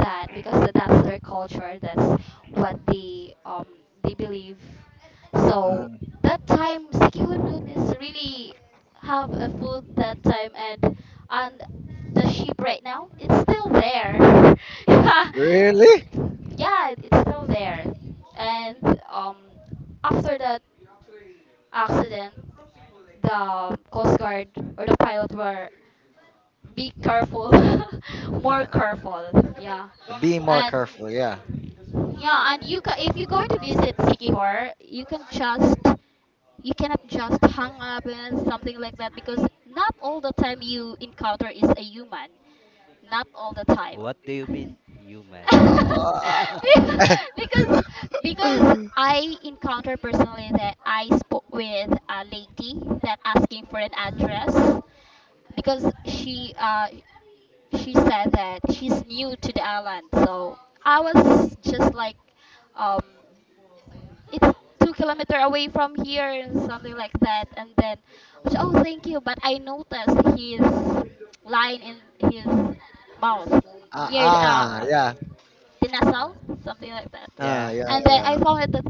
Speaker 1: that, because that's their culture, that's what they believe. So
Speaker 2: Um,
Speaker 1: that time sikihud noon is really have a food that time. And and the sheep right now, it's still there. (laughs) Yeah,
Speaker 3: Uh,
Speaker 2: really?
Speaker 1: yeah, it's still there. And um after that accident, the Coast Guard or the pilot were be careful, (laughs) more
Speaker 2: Uh,
Speaker 3: (laughs)
Speaker 1: careful. Yeah,
Speaker 2: be more
Speaker 1: and
Speaker 2: careful. Yeah.
Speaker 1: yeah, and if you're going to visit Sikihor, you can just, you cannot just hang up and something like that, because not all the time you encounter is a human. Not all the time.
Speaker 3: what do you mean, human?
Speaker 1: (laughs)
Speaker 3: (laughs)
Speaker 2: Uh,
Speaker 1: Be-
Speaker 2: (laughs)
Speaker 1: because because
Speaker 2: uh,
Speaker 1: I encountered personally that I spoke with a lady that asking for an address because she said that she's new to the island, so I was just like, um it's 2 kilometers away from here and something like that. And then I said, oh thank you, but I noticed his line in his mouth near
Speaker 3: yeah.
Speaker 2: yeah.
Speaker 1: the nasal,
Speaker 3: uh,
Speaker 1: something like that.
Speaker 2: Ah.
Speaker 3: Yeah.
Speaker 2: yeah,
Speaker 1: And then I
Speaker 2: yeah.
Speaker 1: found it that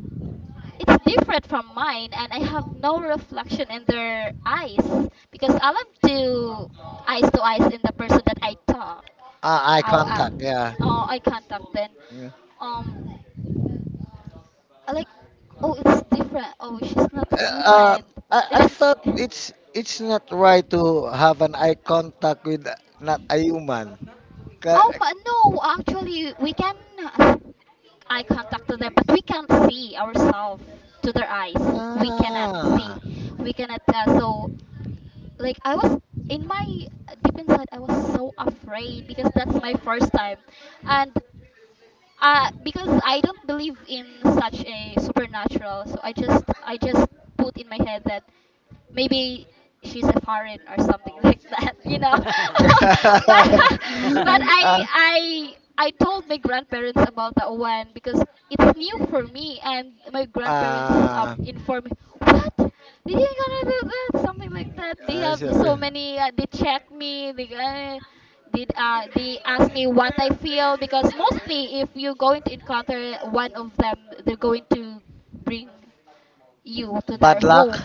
Speaker 1: it's different from mine, and I have no reflection in their eyes because I love to eyes in the person that I talk.
Speaker 2: Eye
Speaker 1: How, uh,
Speaker 2: contact, yeah.
Speaker 1: oh, I can't talk then.
Speaker 2: yeah.
Speaker 1: um I like, oh, it's different. Oh, she's not
Speaker 2: Uh,
Speaker 1: human.
Speaker 2: I
Speaker 1: It's
Speaker 2: thought
Speaker 1: n- (laughs)
Speaker 2: it's not right to have an eye contact with not a human. Ka-
Speaker 1: um no, actually, we can uh, eye contact to them, but we can't see ourselves to their eyes. We cannot see.
Speaker 2: ah. (laughs)
Speaker 1: We cannot. So like I was in my deep inside I was so afraid because that's my first time, and because I don't believe in such a supernatural, so I just put in my head that maybe she's a foreign or something (laughs) like that, you know. (laughs)
Speaker 3: (laughs)
Speaker 1: But (laughs) but I told my grandparents about that one because it's new for me, and my grandparents
Speaker 2: Ah, ah,
Speaker 1: informed me what you gonna do, that something like that. They
Speaker 2: ah,
Speaker 1: have
Speaker 2: so,
Speaker 1: so
Speaker 2: eh,
Speaker 1: many they check me, they gonna did, they ask me what I feel, because mostly if you're going to encounter one of them, they're going to bring you to their
Speaker 2: bad luck.
Speaker 1: home.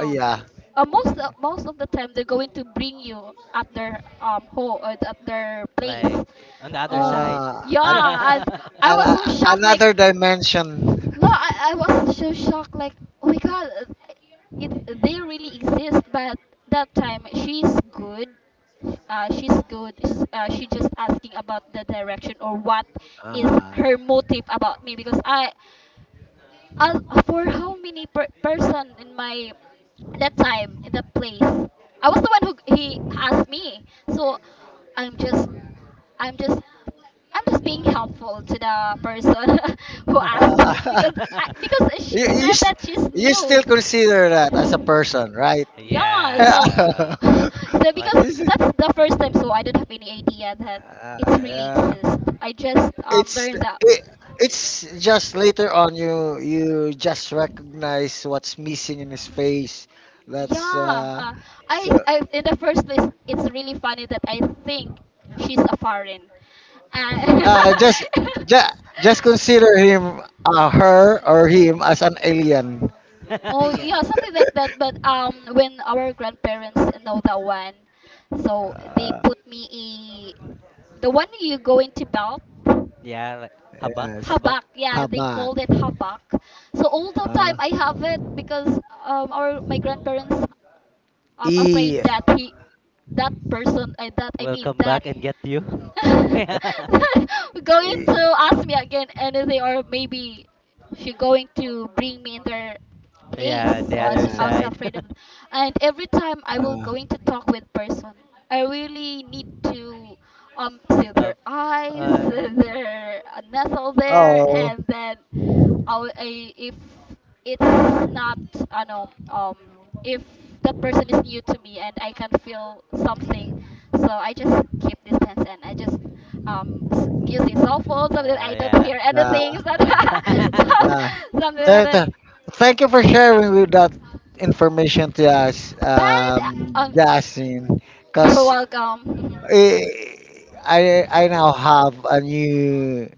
Speaker 2: Oh, yeah.
Speaker 1: most of the time they're going to bring you at their home or at their place.
Speaker 3: Like on the other
Speaker 1: Oh,
Speaker 3: side.
Speaker 2: Ah,
Speaker 3: (laughs)
Speaker 2: an,
Speaker 1: yeah, and I
Speaker 2: an,
Speaker 1: was
Speaker 2: uh,
Speaker 1: so shocked. Like,
Speaker 2: Another dimension.
Speaker 1: no, I
Speaker 2: (laughs)
Speaker 1: was so shocked. Like, oh my god, it they really exist. But that time she's good. She's good. She just asking about the direction or what is
Speaker 2: Ah.
Speaker 1: her motive about me, because I uh, for how many person in my that time in that place? I was the one who he asked me. So I'm just I'm just I'm just being helpful to the person (laughs) who asked (laughs)
Speaker 2: Ah.
Speaker 1: because because
Speaker 2: (laughs)
Speaker 1: she
Speaker 2: you, you,
Speaker 1: said
Speaker 2: st-
Speaker 1: that she's
Speaker 2: you
Speaker 1: new.
Speaker 2: still consider that as a person, right? (laughs)
Speaker 1: Yeah,
Speaker 2: Yeah.
Speaker 1: so (sighs)
Speaker 3: yeah.
Speaker 1: (laughs) so because
Speaker 2: Is
Speaker 3: Like
Speaker 2: it?
Speaker 1: that's the first time, so I don't have any idea that it's
Speaker 3: yeah.
Speaker 1: really
Speaker 2: Yeah.
Speaker 1: exists. I just
Speaker 2: It's
Speaker 1: learned that.
Speaker 2: it, it's just later on you just recognize what's missing in his face. That's
Speaker 1: Yeah, I
Speaker 2: so
Speaker 1: I in the first place, it's really funny that I think she's a foreign. Uh,
Speaker 2: uh just
Speaker 3: (laughs)
Speaker 2: just just consider him her or him
Speaker 1: (laughs)
Speaker 2: as an alien.
Speaker 1: Oh
Speaker 2: (laughs)
Speaker 3: yeah.
Speaker 1: yeah, something like that. But when our grandparents know that one, so they
Speaker 2: Uh,
Speaker 1: put me a the one you go into belt
Speaker 3: Yeah, like habak,
Speaker 2: yes.
Speaker 3: habak.
Speaker 1: habak. Yeah, they
Speaker 2: Habak.
Speaker 1: called it habak. So all the time
Speaker 2: Uh,
Speaker 1: I have it because our my grandparents I'm afraid
Speaker 2: e,
Speaker 1: that that person, that I
Speaker 3: We'll
Speaker 1: mean
Speaker 3: come
Speaker 1: that,
Speaker 3: back and get you.
Speaker 1: (laughs)
Speaker 3: (laughs)
Speaker 1: going
Speaker 2: e
Speaker 1: to ask me again anything, or maybe she going to bring me in their place.
Speaker 3: yeah, the
Speaker 1: So
Speaker 3: other
Speaker 1: I
Speaker 2: Yeah.
Speaker 1: was
Speaker 3: side
Speaker 1: afraid of, and every time I will
Speaker 2: Uh,
Speaker 1: going to talk with person, I really need to see
Speaker 3: (laughs)
Speaker 1: their
Speaker 3: of
Speaker 1: eyes, (laughs)
Speaker 3: uh
Speaker 1: their nestle there,
Speaker 2: oh.
Speaker 1: and then our if it's not ano if that person is new to me and I can feel something, so I just keep distance and I just using cell phone so that I don't
Speaker 3: yeah.
Speaker 1: hear
Speaker 2: Yeah.
Speaker 1: anything, so that- (laughs)
Speaker 3: Uh,
Speaker 1: so-
Speaker 2: Yeah.
Speaker 1: something like
Speaker 2: Th-
Speaker 1: that.
Speaker 2: th- Thank you for sharing with that information to us,
Speaker 1: But um,
Speaker 2: Justin.
Speaker 1: you're
Speaker 2: Because
Speaker 1: welcome. (laughs)
Speaker 2: I now have a new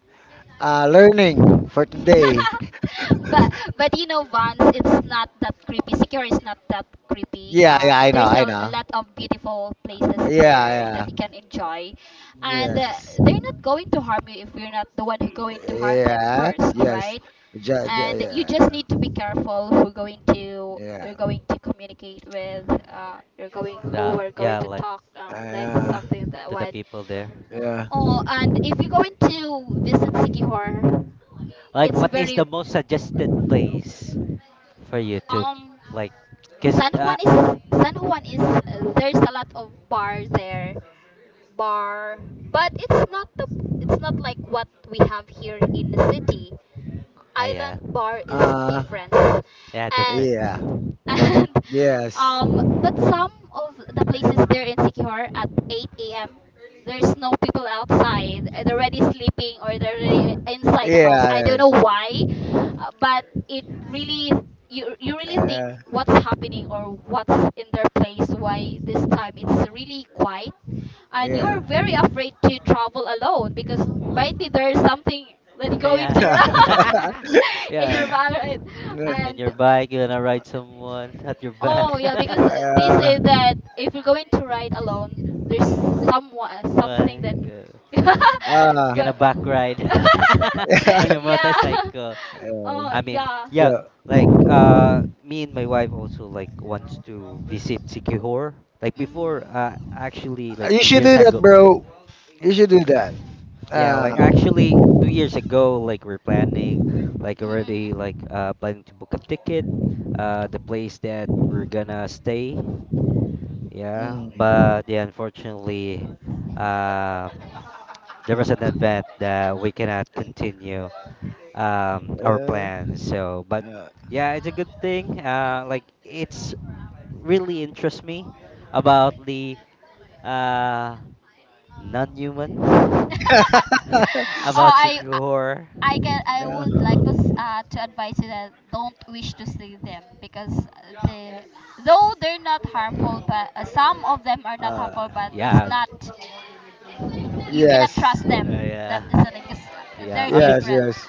Speaker 2: learning for today.
Speaker 1: (laughs)
Speaker 2: (laughs)
Speaker 1: but but you know, Vans, it's not that creepy. Secure is not that creepy,
Speaker 2: Yeah, yeah, I know,
Speaker 1: there's
Speaker 2: I
Speaker 1: a
Speaker 2: know.
Speaker 1: lot of beautiful places there that
Speaker 2: Yeah,
Speaker 1: you can enjoy
Speaker 2: yeah,
Speaker 1: and
Speaker 2: yes,
Speaker 1: they're not going to harm you if you're not the one who going to harm them
Speaker 2: yeah,
Speaker 1: first,
Speaker 2: yes,
Speaker 1: right? And you just
Speaker 2: Yeah,
Speaker 1: need to be careful who going to
Speaker 2: yeah,
Speaker 1: you're going to communicate with, you're going
Speaker 3: (laughs)
Speaker 1: who
Speaker 3: the
Speaker 1: are going
Speaker 3: yeah,
Speaker 1: to
Speaker 3: like
Speaker 1: talk, like
Speaker 2: uh,
Speaker 1: something that
Speaker 3: to the
Speaker 1: one.
Speaker 3: people there.
Speaker 2: yeah,
Speaker 1: Oh, and if you're going to visit Sikihor,
Speaker 3: Like
Speaker 1: it's
Speaker 3: what is
Speaker 1: very
Speaker 3: the most suggested place for YouTube,
Speaker 1: um
Speaker 3: like, cause
Speaker 1: San Juan is San Juan is there's a lot of bar there, bar, but it's not the it's not like what we have here in the city.
Speaker 3: yeah,
Speaker 1: Island bar is
Speaker 2: uh,
Speaker 1: different.
Speaker 3: yeah,
Speaker 1: And
Speaker 3: different.
Speaker 2: yeah,
Speaker 1: (laughs) and
Speaker 2: yes,
Speaker 1: but some of the places there in Sikihor at 8 a.m there's no people outside, they're already sleeping or they're already inside the house.
Speaker 2: yeah,
Speaker 1: I don't know
Speaker 2: yes.
Speaker 1: why. But it really you you really think
Speaker 2: Uh,
Speaker 1: what's happening or what's in their place, why this time it's really quiet, and you're
Speaker 2: Yeah. (laughs)
Speaker 1: very afraid to
Speaker 3: (laughs)
Speaker 1: travel alone because might be there's something that going
Speaker 3: yeah,
Speaker 1: to (laughs) wrong
Speaker 3: (laughs)
Speaker 1: in
Speaker 3: yeah.
Speaker 1: your bag, right?
Speaker 2: Yeah.
Speaker 3: In
Speaker 1: And
Speaker 3: your bike, you're gonna ride someone (laughs) at your
Speaker 1: Oh
Speaker 3: back.
Speaker 1: yeah, because
Speaker 3: (laughs)
Speaker 1: they
Speaker 2: uh,
Speaker 1: say that if you're going to ride alone, there's someone, something that
Speaker 3: Like,
Speaker 1: (laughs)
Speaker 3: g-
Speaker 2: uh,
Speaker 1: go
Speaker 3: gonna
Speaker 2: (laughs)
Speaker 3: back ride
Speaker 1: (laughs)
Speaker 3: (laughs) on
Speaker 2: yeah.
Speaker 3: your
Speaker 1: yeah.
Speaker 3: motorcycle.
Speaker 1: (laughs) Oh
Speaker 3: I mean,
Speaker 1: yeah.
Speaker 3: yeah,
Speaker 2: so
Speaker 3: like me and my wife also like wants to visit Sikihor. Like before,
Speaker 1: Mm.
Speaker 3: actually, like
Speaker 2: you
Speaker 3: two
Speaker 2: should
Speaker 3: years
Speaker 2: do that,
Speaker 3: ago.
Speaker 2: bro. You should do that.
Speaker 3: Yeah,
Speaker 2: Uh,
Speaker 3: like actually 2 years ago, like we're planning, like already like
Speaker 1: Mhm.
Speaker 3: planning to book a ticket, the place that we're gonna stay. Yeah,
Speaker 2: mm,
Speaker 3: but yeah, unfortunately, uh, there was an event that we cannot continue our
Speaker 2: uh,
Speaker 3: plans. So, but
Speaker 2: uh,
Speaker 3: yeah, it's a good thing. Like it's really interests me about the uh non-human
Speaker 1: (laughs) oh,
Speaker 3: (laughs) about
Speaker 2: (laughs)
Speaker 1: I, I
Speaker 3: horror.
Speaker 1: I can I
Speaker 2: yeah.
Speaker 1: would like to to advise you that don't wish to see them because they though they're not harmful, but some of them are not
Speaker 2: Uh,
Speaker 1: harmful, but it's
Speaker 3: Yeah,
Speaker 1: not you cannot
Speaker 2: yes.
Speaker 1: trust them that
Speaker 3: yeah,
Speaker 1: easily because
Speaker 3: yeah.
Speaker 1: they're
Speaker 3: I
Speaker 2: Yes.
Speaker 3: mean,
Speaker 1: different.
Speaker 2: Yes.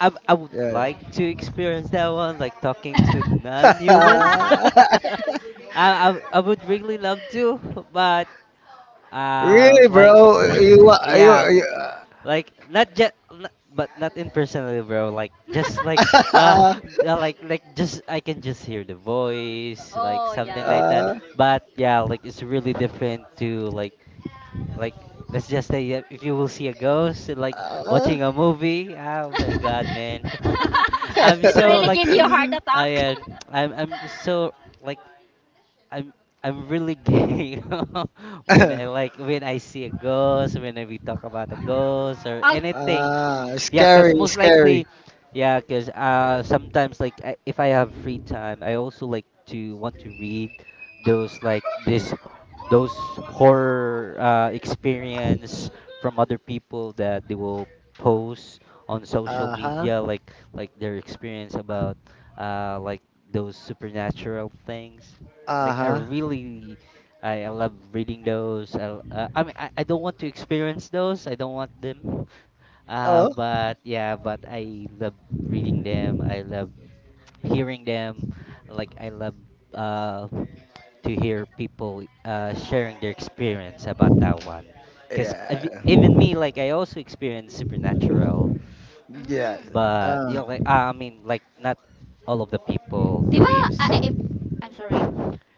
Speaker 3: I would like to
Speaker 2: Yes.
Speaker 3: experience that one, like talking
Speaker 1: (laughs)
Speaker 3: to non-human. (laughs)
Speaker 2: (laughs)
Speaker 3: I would really love to, but
Speaker 2: really, bro?
Speaker 3: like, yeah,
Speaker 2: You,
Speaker 3: like not just but not impersonally bro, like just like
Speaker 1: (laughs)
Speaker 3: uh
Speaker 2: (laughs) uh,
Speaker 3: (laughs) like just I can just hear the voice like
Speaker 1: oh
Speaker 3: something
Speaker 1: yeah.
Speaker 3: like that.
Speaker 2: uh,
Speaker 3: But yeah, like it's really different to like like let's just say if you will see a ghost, like
Speaker 2: uh.
Speaker 3: watching a
Speaker 1: Mm.
Speaker 3: movie. Oh my god, man.
Speaker 1: (laughs)
Speaker 3: (laughs) I'm
Speaker 1: It's
Speaker 3: so
Speaker 1: really
Speaker 3: like
Speaker 1: give you a heart
Speaker 2: (laughs)
Speaker 3: i
Speaker 1: attack.
Speaker 3: am i'm
Speaker 1: (laughs)
Speaker 3: i'm so like I'm I'm really gay (laughs) when I like when I see a ghost, we talk about a ghost or
Speaker 1: Oh.
Speaker 3: anything.
Speaker 2: Ah,
Speaker 1: Mm.
Speaker 3: Yeah. Cause
Speaker 2: scary,
Speaker 3: most
Speaker 2: scary.
Speaker 3: likely, yeah. Cause sometimes like if I have free time, I also like to want to read those like this those horror, experience from other people that they will post on social
Speaker 2: Uh huh.
Speaker 3: media, like their experience about like those supernatural things.
Speaker 2: Uh
Speaker 3: Like
Speaker 2: huh.
Speaker 3: I love reading those. I mean, I don't want to experience those. I don't want them. (laughs)
Speaker 2: Oh,
Speaker 3: But yeah, but I love reading them. I love (tsk) hearing them. Like I love uh to hear people sharing their experience about that one. Because
Speaker 2: yeah,
Speaker 3: even me, like I also experience supernatural,
Speaker 2: yeah.
Speaker 1: Mm.
Speaker 3: but you
Speaker 2: Uh.
Speaker 3: know, like I mean, like not all of the people
Speaker 1: Di ba?
Speaker 3: believes.
Speaker 1: I'm sorry.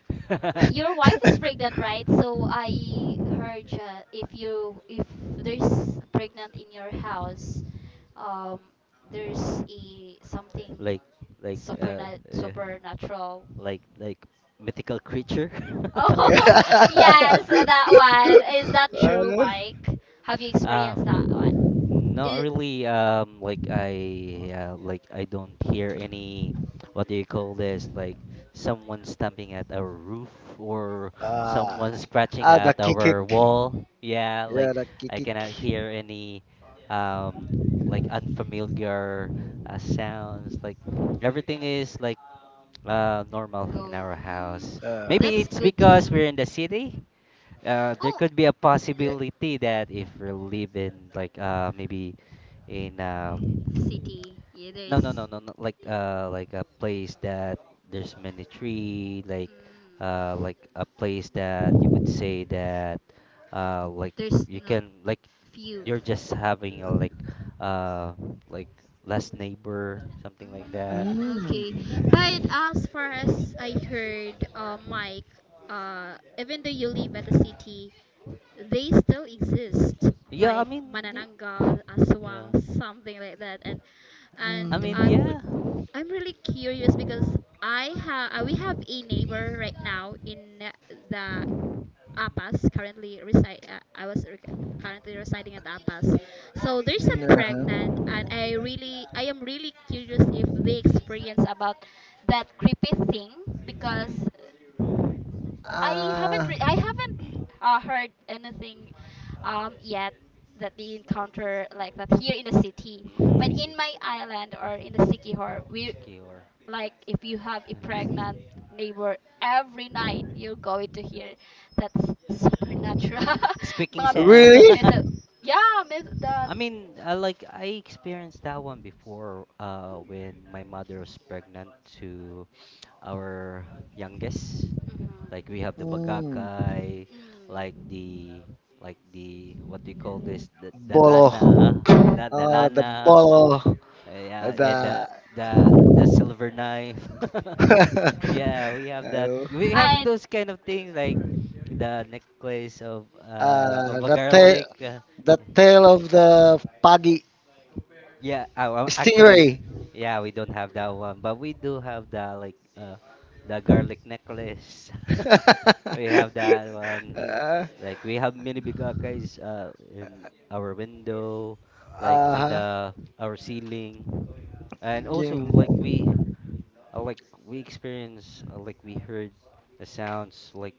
Speaker 3: (laughs)
Speaker 1: Your wife is
Speaker 2: (laughs)
Speaker 1: pregnant, right? So I heard, if you if there's pregnant in your house, um, there's a something
Speaker 3: like like uh, uh
Speaker 1: supernatural. (laughs)
Speaker 3: like mythical creature.
Speaker 1: Oh (laughs) yes, that one. Is that true, Mike? Have you
Speaker 3: (laughs)
Speaker 1: experienced
Speaker 3: um
Speaker 1: that one?
Speaker 3: Not
Speaker 1: It
Speaker 3: really. Like like I don't hear any. What do you call this? Like someone stamping at our roof or
Speaker 2: uh,
Speaker 3: someone scratching
Speaker 2: ah, the
Speaker 3: at
Speaker 2: kick, kick.
Speaker 3: our wall. Yeah,
Speaker 2: Yeah, yeah,
Speaker 3: like
Speaker 2: the kick
Speaker 3: I
Speaker 2: kick.
Speaker 3: cannot
Speaker 2: Kikik.
Speaker 3: hear any, um, like unfamiliar, sounds. Like everything is like normal in
Speaker 1: go.
Speaker 3: our
Speaker 1: Mm,
Speaker 2: Agree
Speaker 3: house.
Speaker 2: with
Speaker 3: Maybe
Speaker 1: that's
Speaker 3: it's
Speaker 1: good to
Speaker 3: because
Speaker 1: know.
Speaker 3: we're in the city. There
Speaker 1: Oh,
Speaker 3: could be a possibility that if we live in like maybe in,
Speaker 1: city. Yeah,
Speaker 3: no no no
Speaker 1: there's.
Speaker 3: no no, like like a place that there's many tree,
Speaker 1: Mm,
Speaker 3: like a place that you would say that like
Speaker 1: there's
Speaker 3: you
Speaker 1: no
Speaker 3: can like
Speaker 1: few
Speaker 3: you're just having a uh like last neighbor, something like that.
Speaker 1: Mm, okay.
Speaker 2: Mm,
Speaker 3: Mm.
Speaker 1: But as far as I heard, Mike, even though you live at a city, they still exist,
Speaker 3: Yeah, I
Speaker 1: like
Speaker 3: mean
Speaker 1: Manananggal,
Speaker 3: yeah,
Speaker 1: Aswang, something like that. And and
Speaker 3: I mean.
Speaker 1: I'm
Speaker 2: mm,
Speaker 3: Yeah.
Speaker 1: I'm really curious because I have we have a neighbor right now in, the Apas currently reside. I was rec currently residing at Apas, so there's a pregnant, and I really, I am really curious if they experience about that creepy thing
Speaker 3: Y-
Speaker 1: because
Speaker 2: uh, uh,
Speaker 1: I haven't, heard anything, yet that they encounter like that here in the city.
Speaker 3: mm,
Speaker 1: But
Speaker 3: I
Speaker 1: in
Speaker 3: see.
Speaker 1: my island or in the Sikihor, we
Speaker 3: Secure.
Speaker 1: like if you have a
Speaker 3: (laughs)
Speaker 1: pregnant neighbor every night, you're going to hear that's supernatural. (laughs)
Speaker 3: Squeaking
Speaker 1: Mga
Speaker 3: sound. (laughs)
Speaker 2: really?
Speaker 1: myth- yeah, myth that.
Speaker 3: I mean, I like I experienced that one before
Speaker 1: Mm.
Speaker 3: when my mother was pregnant to our youngest.
Speaker 1: Mhm.
Speaker 3: Like we have the
Speaker 2: Mm,
Speaker 3: bagakai, like
Speaker 1: Mm.
Speaker 3: the what do you call this? The
Speaker 2: bolo.
Speaker 3: dalana, not
Speaker 2: The
Speaker 3: dalana.
Speaker 2: bolo.
Speaker 3: Yeah,
Speaker 2: The.
Speaker 3: and the the silver knife. (laughs) Yeah, we
Speaker 2: (laughs)
Speaker 3: have that.
Speaker 2: Hello.
Speaker 3: We
Speaker 1: And
Speaker 3: have those kind of things like the necklace of a
Speaker 2: The tail.
Speaker 3: garlic. (laughs)
Speaker 2: The tail of the pagi
Speaker 3: Yeah, well, actually,
Speaker 2: stingray.
Speaker 3: yeah, we don't have that one, but we do have the like the garlic necklace. (laughs)
Speaker 2: (laughs)
Speaker 3: We have that one.
Speaker 2: uh,
Speaker 3: Like we have many bigakas in our window, like
Speaker 1: mm,
Speaker 3: in
Speaker 2: uh,
Speaker 3: the our ceiling, and also
Speaker 2: Game.
Speaker 3: like we, like we experience, like we heard the sounds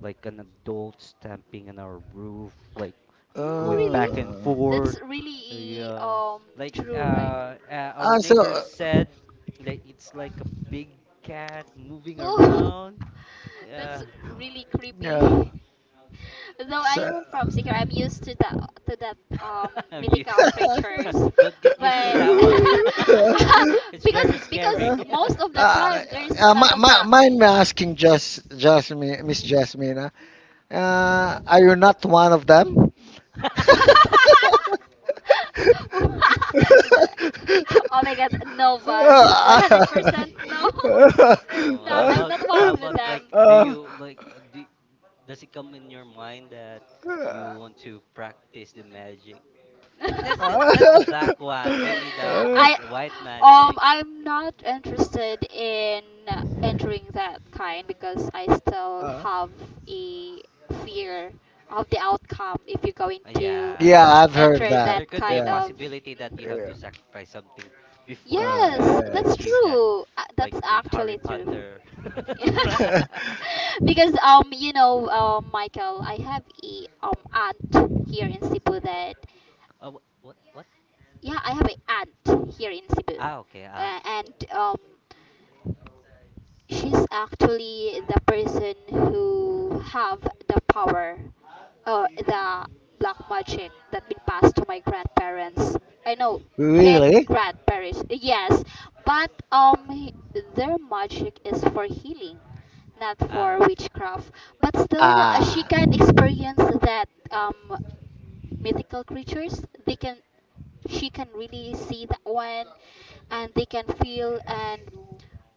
Speaker 3: like an adult stamping on our roof, like
Speaker 1: mm,
Speaker 3: going back
Speaker 1: really,
Speaker 3: and
Speaker 2: Uh,
Speaker 3: forth.
Speaker 1: that's really
Speaker 3: Yeah, like
Speaker 1: true, right?
Speaker 3: our
Speaker 2: ah, so,
Speaker 3: neighbor
Speaker 2: uh,
Speaker 3: said like it's like a big cat moving
Speaker 1: Oh,
Speaker 3: around.
Speaker 1: (laughs) that's
Speaker 3: Yeah.
Speaker 1: really creepy. (laughs)
Speaker 2: yeah.
Speaker 1: Though I
Speaker 2: So,
Speaker 1: am
Speaker 2: (laughs)
Speaker 1: from Secure, I'm used to that
Speaker 3: (laughs) I'm used
Speaker 1: mythical
Speaker 3: to.
Speaker 1: creatures,
Speaker 3: (laughs) Don't get used to
Speaker 1: but
Speaker 3: that
Speaker 1: (laughs)
Speaker 3: one. (laughs) It's
Speaker 1: because
Speaker 3: very scary.
Speaker 1: because
Speaker 3: (laughs)
Speaker 1: most of the time there's a
Speaker 2: uh,
Speaker 1: lot of that.
Speaker 2: mind me asking just Jasmine, Miss Jasmina, are you not one of them?
Speaker 3: (laughs)
Speaker 1: (laughs) Th- Oh my god, no one's 100% no. (laughs)
Speaker 3: Oh,
Speaker 1: Not,
Speaker 3: how
Speaker 1: I'm
Speaker 3: about
Speaker 1: not once with
Speaker 3: like
Speaker 1: them.
Speaker 3: do you like does it come in your mind that you want to practice the magic?
Speaker 2: (laughs)
Speaker 3: Like
Speaker 1: (laughs)
Speaker 3: not the
Speaker 2: Uh,
Speaker 3: black one, maybe the
Speaker 1: I
Speaker 3: like the
Speaker 2: (laughs)
Speaker 3: white magic.
Speaker 1: I'm not interested in entering that kind because I still
Speaker 2: uh,
Speaker 1: have a fear of the outcome if you're going to
Speaker 3: Yeah.
Speaker 2: yeah, I've heard
Speaker 1: enter
Speaker 3: Yeah,
Speaker 2: that.
Speaker 1: that
Speaker 3: there could be a
Speaker 1: kind
Speaker 2: Yeah.
Speaker 1: of
Speaker 3: possibility that you have
Speaker 2: Yeah.
Speaker 3: to
Speaker 1: mhm.
Speaker 3: sacrifice something before you
Speaker 2: Ah,
Speaker 3: could
Speaker 1: Yes, that's
Speaker 3: achieve that,
Speaker 1: true.
Speaker 3: like
Speaker 1: That's
Speaker 3: the Harry
Speaker 1: actually true.
Speaker 3: Potter.
Speaker 1: (laughs)
Speaker 3: (laughs) Right?
Speaker 2: yes.
Speaker 1: because you know, Michael, I have a aunt here in Cebu that
Speaker 3: Oh, what?
Speaker 1: yeah I have a aunt here in Cebu,
Speaker 3: Ah, okay, Anne.
Speaker 1: and she's actually the person who have the power or the black magic that been passed to my grandparents. I know
Speaker 2: (laughs)
Speaker 1: great
Speaker 2: really?
Speaker 1: grandparents, yes, but their magic is for healing, not
Speaker 3: Ah,
Speaker 1: for
Speaker 3: I see.
Speaker 1: witchcraft. But
Speaker 3: Mm.
Speaker 1: still, she
Speaker 2: Ah.
Speaker 1: can experience that mythical creatures. They can she can really see that one and they can feel and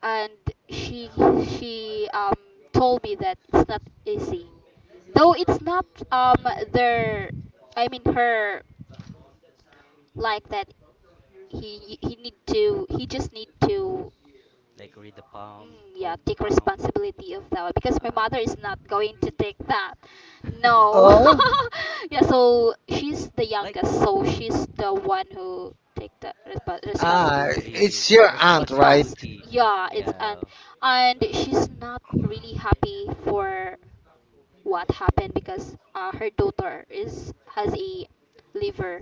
Speaker 1: and she she told me that it's not easy though it's not um their I mean her like that he need to he just need to
Speaker 3: Like read the palm,
Speaker 1: Mm, yeah,
Speaker 3: hold the
Speaker 1: take
Speaker 3: palm.
Speaker 1: responsibility of that one because my
Speaker 3: Uh,
Speaker 1: mother is not going to take that.
Speaker 3: (laughs) uh,
Speaker 1: No.
Speaker 2: Oh.
Speaker 1: (laughs) yeah, so she's the
Speaker 3: like
Speaker 1: youngest, so she's the one who take the
Speaker 3: take
Speaker 2: Ah,
Speaker 3: over
Speaker 1: responsibilities.
Speaker 3: the
Speaker 2: it's your
Speaker 1: It
Speaker 2: aunt, right?
Speaker 1: passed.
Speaker 3: responsibility.
Speaker 1: Yeah, it's and
Speaker 3: Yeah.
Speaker 1: and
Speaker 3: Uh,
Speaker 1: she's not really happy for what happened because her daughter is has a liver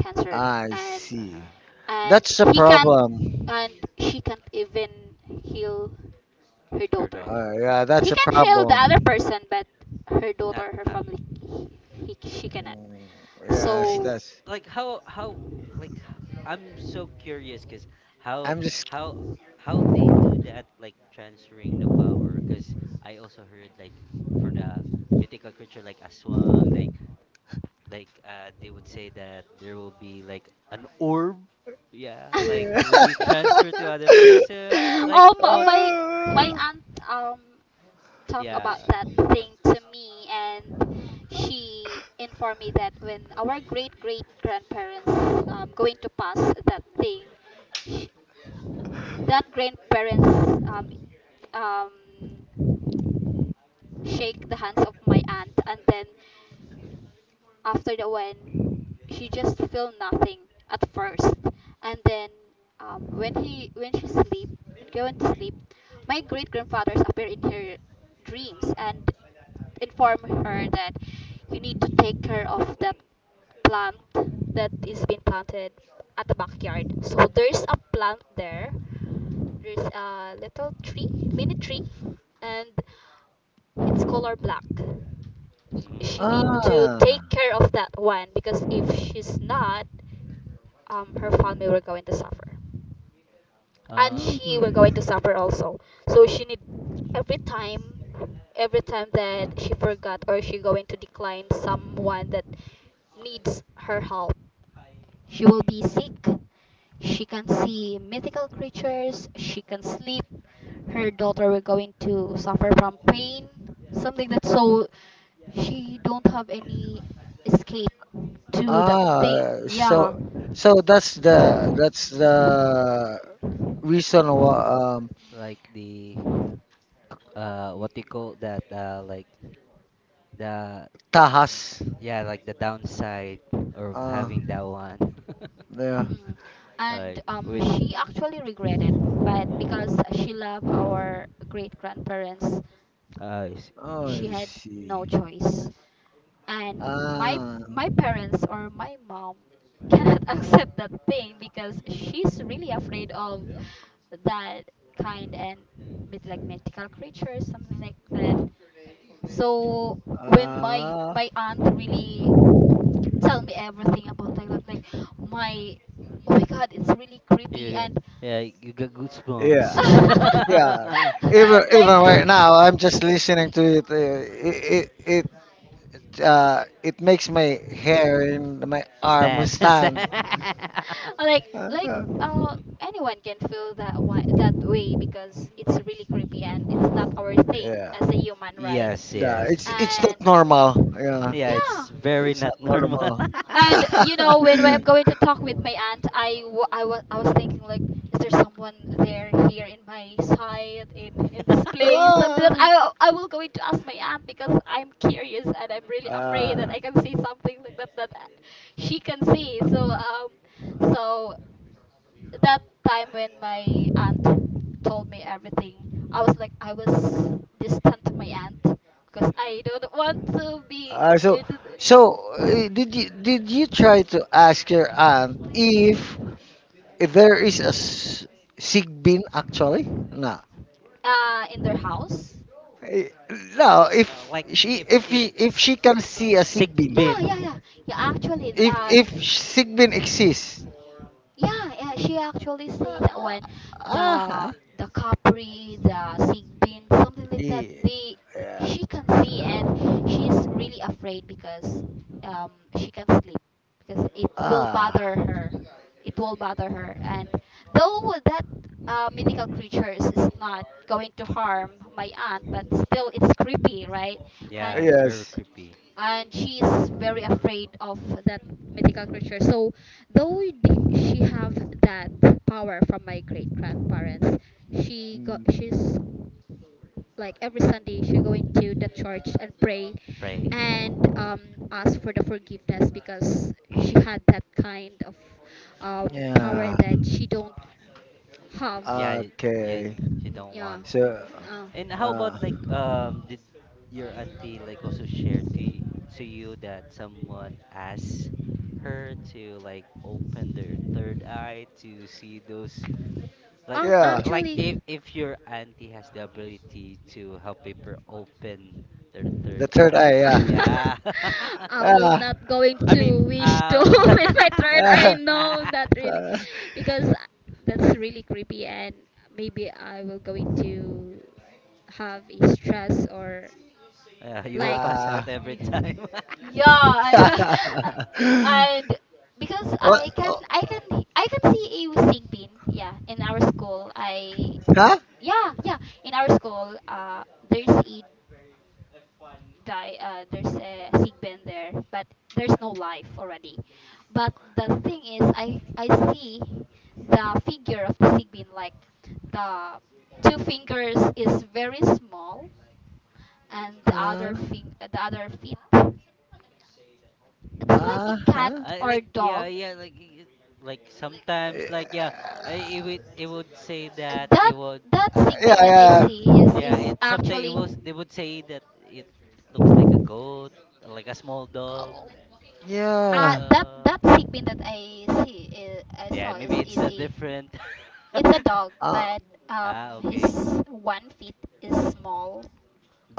Speaker 1: cancer
Speaker 2: I
Speaker 1: and
Speaker 2: see.
Speaker 3: Uh,
Speaker 1: and
Speaker 2: That's a
Speaker 1: he can't
Speaker 2: problem.
Speaker 1: and she can't even heal her
Speaker 3: her
Speaker 1: daughter,
Speaker 3: daughter.
Speaker 2: Yeah,
Speaker 1: he
Speaker 2: that's a
Speaker 3: Okay.
Speaker 1: can heal the other
Speaker 2: problem.
Speaker 1: person but her daughter her
Speaker 3: Not
Speaker 1: family he she cannot
Speaker 2: Mm, yes,
Speaker 3: and
Speaker 1: so
Speaker 2: that's.
Speaker 3: like I'm so curious because how
Speaker 2: I'm just.
Speaker 3: how how they do that, like transferring the power, because I also heard like for the mythical creature like Aswang, like they would say that there will be like an orb, yeah, like
Speaker 2: Yeah.
Speaker 3: it will be transferred to other person.
Speaker 1: (laughs)
Speaker 3: Like,
Speaker 1: um
Speaker 3: oh
Speaker 1: my my aunt
Speaker 2: (laughs)
Speaker 1: talk about
Speaker 3: yeah.
Speaker 1: that thing to me and she informed me that when our great great grandparents going to pass that thing sh that grandparents um um shake the hands of my aunt and then after that when she just feel nothing at first and then, when she sleep when going to sleep my great grandfathers appear in her dreams and inform her that you need to take care of that plant that is being planted at the backyard, so there's a plant there, there's a little tree, mini tree, and it's color black. She
Speaker 3: Mm.
Speaker 1: need to
Speaker 2: ah.
Speaker 1: take care of that one because if she's not, her family will going to suffer and
Speaker 3: uh
Speaker 1: she
Speaker 2: Mm.
Speaker 1: were going to suffer also, so she need every time every time that she forgot or she going to decline someone that needs her help she will be sick, she can see mythical creatures, she can sleep, her daughter will going to suffer from pain, something that so she don't have any escape to that thing
Speaker 2: Ah,
Speaker 1: yeah
Speaker 2: so that's the reason why
Speaker 3: like the, what do you call that, like the
Speaker 2: tahas.
Speaker 3: yeah, like the downside of
Speaker 2: Ah,
Speaker 3: having that one. (laughs)
Speaker 2: yeah.
Speaker 1: hmm. And
Speaker 3: Like with
Speaker 1: she actually regretted, but because she loved our great grandparents,
Speaker 3: uh s-
Speaker 2: Oh,
Speaker 1: she
Speaker 2: I
Speaker 1: had
Speaker 2: see.
Speaker 1: no choice. And my
Speaker 2: Ah,
Speaker 1: my parents or my mom (laughs) cannot accept that thing because she's really afraid of that kind and like mythical creatures, something like that. So when my
Speaker 2: ah,
Speaker 1: my aunt really tell me everything about like that like my oh my god it's really creepy
Speaker 3: you.
Speaker 1: and
Speaker 3: Yeah, you got
Speaker 2: yeah,
Speaker 1: (laughs)
Speaker 2: yeah.
Speaker 3: goosebumps. (laughs)
Speaker 2: Even
Speaker 1: like
Speaker 2: even
Speaker 1: (laughs)
Speaker 2: right now, I'm just listening to it. It it makes my hair and my arm
Speaker 3: Stan. (laughs)
Speaker 2: stand.
Speaker 3: Stan.
Speaker 1: like
Speaker 2: Uh,
Speaker 1: uh anyone can feel that way that way because it's really creepy and it's not our thing
Speaker 2: yeah,
Speaker 1: as a human, right?
Speaker 3: Yes,
Speaker 2: yeah,
Speaker 3: yes,
Speaker 2: it's
Speaker 3: yes,
Speaker 1: And
Speaker 2: not normal. Yeah,
Speaker 3: yeah,
Speaker 1: yeah.
Speaker 3: it's very
Speaker 2: it's
Speaker 3: not
Speaker 2: not
Speaker 3: normal.
Speaker 2: normal.
Speaker 1: And you know, when
Speaker 2: (laughs)
Speaker 1: I'm going to talk with my aunt, I was thinking like, is there someone there here in my side in this
Speaker 3: (laughs) (laughs)
Speaker 1: place? Something that
Speaker 2: Ah.
Speaker 1: I will going to ask my aunt because I'm curious and I'm really afraid that
Speaker 2: Ah.
Speaker 1: I can see something like that that, she can see. So so that time when my aunt told me everything, I was distant to my aunt because I don't want to be
Speaker 2: Ah, so
Speaker 1: near to the,
Speaker 2: did you try to ask your aunt if there is a s- sick bin actually? No.
Speaker 1: in their house.
Speaker 2: Eh, No,
Speaker 3: No, like if
Speaker 2: if he,
Speaker 3: if
Speaker 2: if she can
Speaker 3: if
Speaker 2: see a sick bin,
Speaker 1: Yeah,
Speaker 3: Sigbin.
Speaker 1: yeah, yeah. Yeah, actually,
Speaker 2: if sick bin exists,
Speaker 1: yeah, yeah, she actually say that
Speaker 2: Uh,
Speaker 1: when the
Speaker 2: uh
Speaker 1: the Capri, the Sigbin, something like that,
Speaker 2: yeah.
Speaker 1: they
Speaker 2: yeah.
Speaker 1: she can see and she's really afraid because um she can't sleep because it will
Speaker 2: Ah.
Speaker 1: bother her. It will bother her. And though that, mythical creatures is not going to harm my aunt, but still it's creepy, right? And
Speaker 3: Yeah, very
Speaker 2: Yes.
Speaker 3: creepy.
Speaker 1: she's very afraid of that mythical creature. So though the, she have that power from my great grandparents,
Speaker 2: Mm,
Speaker 1: she's like every Sunday she's going to the church and pray
Speaker 3: Pray.
Speaker 1: and, ask for the forgiveness because she had that kind of, um, power
Speaker 2: yeah.
Speaker 1: that she don't have.
Speaker 3: Yeah, yeah,
Speaker 2: Okay.
Speaker 3: you
Speaker 1: Mm,
Speaker 3: don't
Speaker 1: yeah.
Speaker 3: want.
Speaker 2: So.
Speaker 1: Mhm, uh.
Speaker 3: And how about
Speaker 2: Uh.
Speaker 3: like, did your auntie like also share to you that someone asked her to like open their third eye to see those, like? Or
Speaker 2: Yeah.
Speaker 3: like if
Speaker 1: Actually,
Speaker 3: your auntie has the ability to help people open their
Speaker 2: The
Speaker 3: third
Speaker 2: third eye.
Speaker 3: eye.
Speaker 2: Yeah.
Speaker 3: Yeah. (laughs)
Speaker 1: (laughs) I will
Speaker 2: Ah.
Speaker 1: not going
Speaker 3: I mean,
Speaker 1: to wish to (laughs) open my third I
Speaker 2: Ah.
Speaker 3: (laughs) uh,
Speaker 1: know not really, because that's really creepy and maybe I will going to have a stress or
Speaker 3: you
Speaker 2: Ah.
Speaker 3: will
Speaker 1: like
Speaker 3: pass
Speaker 2: Ah.
Speaker 3: out
Speaker 1: (laughs)
Speaker 3: every
Speaker 1: y-
Speaker 3: time. (laughs)
Speaker 1: yeah and, (laughs)
Speaker 2: (laughs)
Speaker 1: and because
Speaker 2: What?
Speaker 1: i can
Speaker 2: Oh,
Speaker 1: i can I can see a sigbin, yeah in our school I
Speaker 2: Huh?
Speaker 1: yeah yeah in our school, there's a there's a sigbin there but there's no life already, but the thing is i see the figure of the sigbin, like the two fingers is very small and the
Speaker 2: Uh,
Speaker 1: other thing, the other feet. It's like a cat
Speaker 2: uh-huh.
Speaker 3: I
Speaker 1: or
Speaker 3: like, yeah,
Speaker 1: dog.
Speaker 3: yeah, like like sometimes like yeah it would say that
Speaker 1: That
Speaker 3: it would,
Speaker 1: that
Speaker 2: that Yeah,
Speaker 1: Sigbin that I
Speaker 2: yeah. they
Speaker 1: see
Speaker 2: would look
Speaker 3: yeah,
Speaker 1: is
Speaker 3: it sometimes it
Speaker 1: actually
Speaker 3: was, they would say that it looks like a goat, like a small dog,
Speaker 2: Oh,
Speaker 3: yeah.
Speaker 2: yeah.
Speaker 1: that Sigbin that I see is, I
Speaker 3: Yeah,
Speaker 1: saw is
Speaker 3: maybe it's a
Speaker 1: a
Speaker 3: different.
Speaker 1: it's a dog,
Speaker 3: (laughs)
Speaker 2: Uh,
Speaker 1: but um
Speaker 3: Ah,
Speaker 1: his
Speaker 3: okay.
Speaker 1: one feet is small.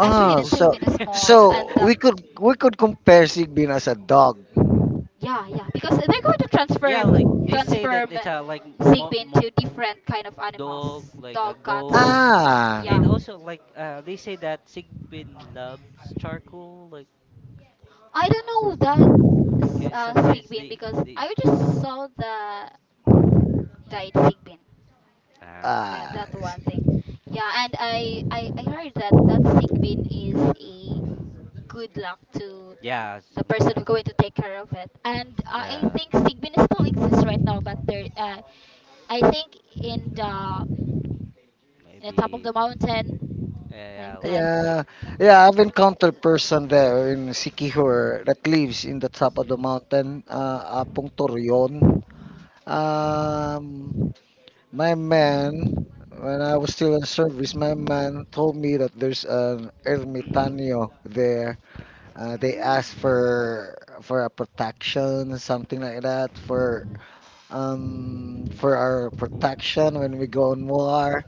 Speaker 1: Actually,
Speaker 2: ah,
Speaker 1: the two
Speaker 2: so
Speaker 1: feet is
Speaker 2: so
Speaker 1: small, and,
Speaker 2: we could
Speaker 3: (laughs)
Speaker 2: compare Sigbin as a dog. Oh,
Speaker 1: yeah, yeah, because they're going to
Speaker 3: Yeah, like they say that
Speaker 1: transform
Speaker 3: it's a like
Speaker 1: Sigbin to different kind of
Speaker 3: dog,
Speaker 1: animals,
Speaker 3: like a
Speaker 1: dog,
Speaker 3: goat.
Speaker 1: cats,
Speaker 2: Ah.
Speaker 3: And
Speaker 1: yeah.
Speaker 3: also, like, they say that Sigbin loves charcoal,
Speaker 2: Like
Speaker 3: like,
Speaker 1: I don't know that,
Speaker 3: because sometimes
Speaker 1: sick bean because
Speaker 3: they,
Speaker 1: I just saw the died sick bean.
Speaker 3: ah, okay.
Speaker 1: Yeah,
Speaker 2: Ah.
Speaker 1: that one thing. Yeah, and I heard that that sick bean is a good luck to
Speaker 3: Yeah, it's
Speaker 1: the
Speaker 3: only,
Speaker 1: person who's going to take care of it. And I
Speaker 3: the,
Speaker 1: think sick bean still exists right now, but there, I think in the top of
Speaker 3: maybe,
Speaker 1: the mountain,
Speaker 3: yeah, yeah,
Speaker 1: like
Speaker 3: like,
Speaker 1: that.
Speaker 2: Yeah, yeah, I've encountered person there in Sikihor that lives in the top of the mountain, Apong Torreon. Um, my man, when I was still in service, my man told me that there's an ermitaño there. They asked
Speaker 1: Mm.
Speaker 2: for a protection, something like that, for our protection when we go on war.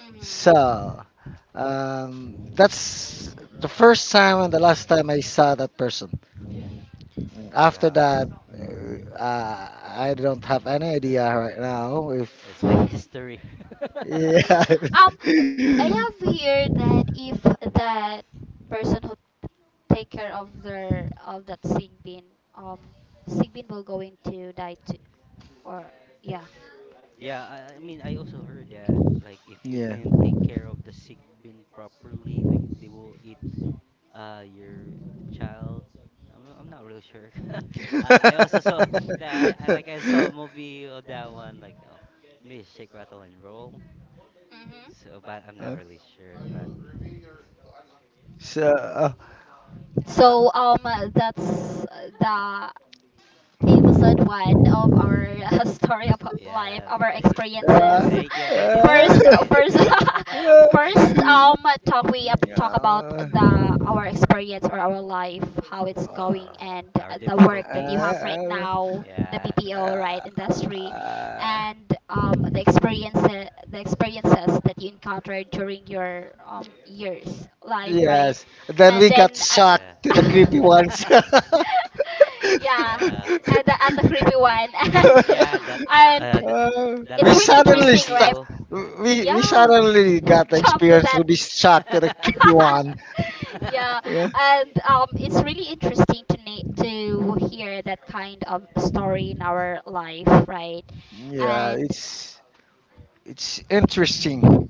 Speaker 1: Mm.
Speaker 2: So. That's the first time and the last time I saw that person. After
Speaker 3: wow,
Speaker 2: that, I don't have any idea
Speaker 3: uh,
Speaker 2: right now if.
Speaker 3: it's like
Speaker 1: Mm. (laughs)
Speaker 3: history. (laughs)
Speaker 2: Yeah.
Speaker 1: Um, I have heard that if that person who take care of their of that um, sick bean will going to die too, or yeah.
Speaker 3: Yeah, I mean, I also heard that, like, if
Speaker 2: (laughs)
Speaker 3: you
Speaker 2: yeah.
Speaker 3: didn't take care of the Sigbin properly, like, they will eat, your child. I'm not really sure. (laughs) I also saw (laughs) that I like I saw a movie of
Speaker 2: (laughs)
Speaker 3: that one, like oh, maybe Shake Rattle and Roll.
Speaker 1: Hmm.
Speaker 3: So, but I'm not
Speaker 2: Uh,
Speaker 3: really sure. But
Speaker 2: so, uh,
Speaker 1: So that's the episode one of our, (laughs) story about life,
Speaker 3: yeah,
Speaker 1: our
Speaker 3: they,
Speaker 1: experiences.
Speaker 2: uh,
Speaker 1: (laughs)
Speaker 3: thank you,
Speaker 2: uh,
Speaker 3: Jasmine. (laughs)
Speaker 1: First, (laughs) first
Speaker 2: (laughs)
Speaker 1: talk we talk about
Speaker 2: yeah.
Speaker 1: the our experience or our life, how it's
Speaker 2: Uh,
Speaker 3: Yeah,
Speaker 1: going, and
Speaker 3: our
Speaker 1: the work that you have
Speaker 3: difficulties.
Speaker 1: right
Speaker 2: uh,
Speaker 1: now, the
Speaker 3: Yeah,
Speaker 1: BPO right
Speaker 2: uh,
Speaker 1: industry
Speaker 2: uh,
Speaker 1: and, the experiences that you encountered during your, years life, right?
Speaker 2: Yes. Then
Speaker 1: And
Speaker 2: we got
Speaker 1: then,
Speaker 2: shot
Speaker 3: yeah.
Speaker 2: to
Speaker 1: (laughs)
Speaker 2: the creepy ones. (laughs)
Speaker 3: (laughs)
Speaker 1: yeah
Speaker 3: Yeah,
Speaker 1: and the, at the creepy one (laughs)
Speaker 3: yeah. That uh,
Speaker 1: and
Speaker 3: the,
Speaker 2: Uh,
Speaker 3: the
Speaker 1: it's
Speaker 2: we
Speaker 3: life
Speaker 1: really
Speaker 3: before
Speaker 2: suddenly
Speaker 1: interesting
Speaker 2: sta-
Speaker 1: right
Speaker 3: BPO. (laughs) Yeah.
Speaker 2: we
Speaker 1: yeah
Speaker 2: suddenly got
Speaker 1: (laughs)
Speaker 2: the
Speaker 1: jump to
Speaker 2: experience
Speaker 1: that
Speaker 2: to be shot to the creepy one.
Speaker 1: (laughs) yeah
Speaker 2: (laughs) yeah.
Speaker 3: (laughs)
Speaker 1: and it's really interesting to to hear that kind of story in our life, right?
Speaker 2: Yeah,
Speaker 1: And
Speaker 2: it's interesting.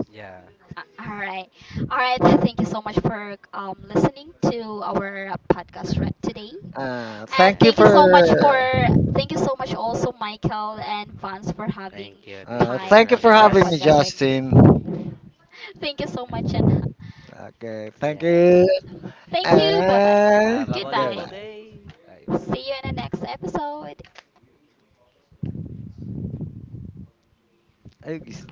Speaker 3: Yeah,
Speaker 1: All right, all right. (laughs) Thank you so much for listening to our podcast right today,
Speaker 2: Uh,
Speaker 1: and
Speaker 2: thank you
Speaker 3: yeah.
Speaker 2: for
Speaker 1: thank you so much also Michael and Vance for having
Speaker 3: Thank you for
Speaker 1: time
Speaker 2: thank you
Speaker 1: in
Speaker 3: having
Speaker 2: for
Speaker 1: our
Speaker 2: having me,
Speaker 3: us.
Speaker 1: podcast, right.
Speaker 2: Justin.
Speaker 1: (laughs) Thank you so much and
Speaker 2: Okay, thank
Speaker 3: Yeah,
Speaker 2: you,
Speaker 1: thank
Speaker 3: yeah.
Speaker 1: you. Bye bye.
Speaker 3: We have
Speaker 2: and
Speaker 3: a wonderful
Speaker 1: Goodbye.
Speaker 2: goodbye.
Speaker 3: day. Bye.
Speaker 1: See you in the next episode.
Speaker 2: Ay, gis-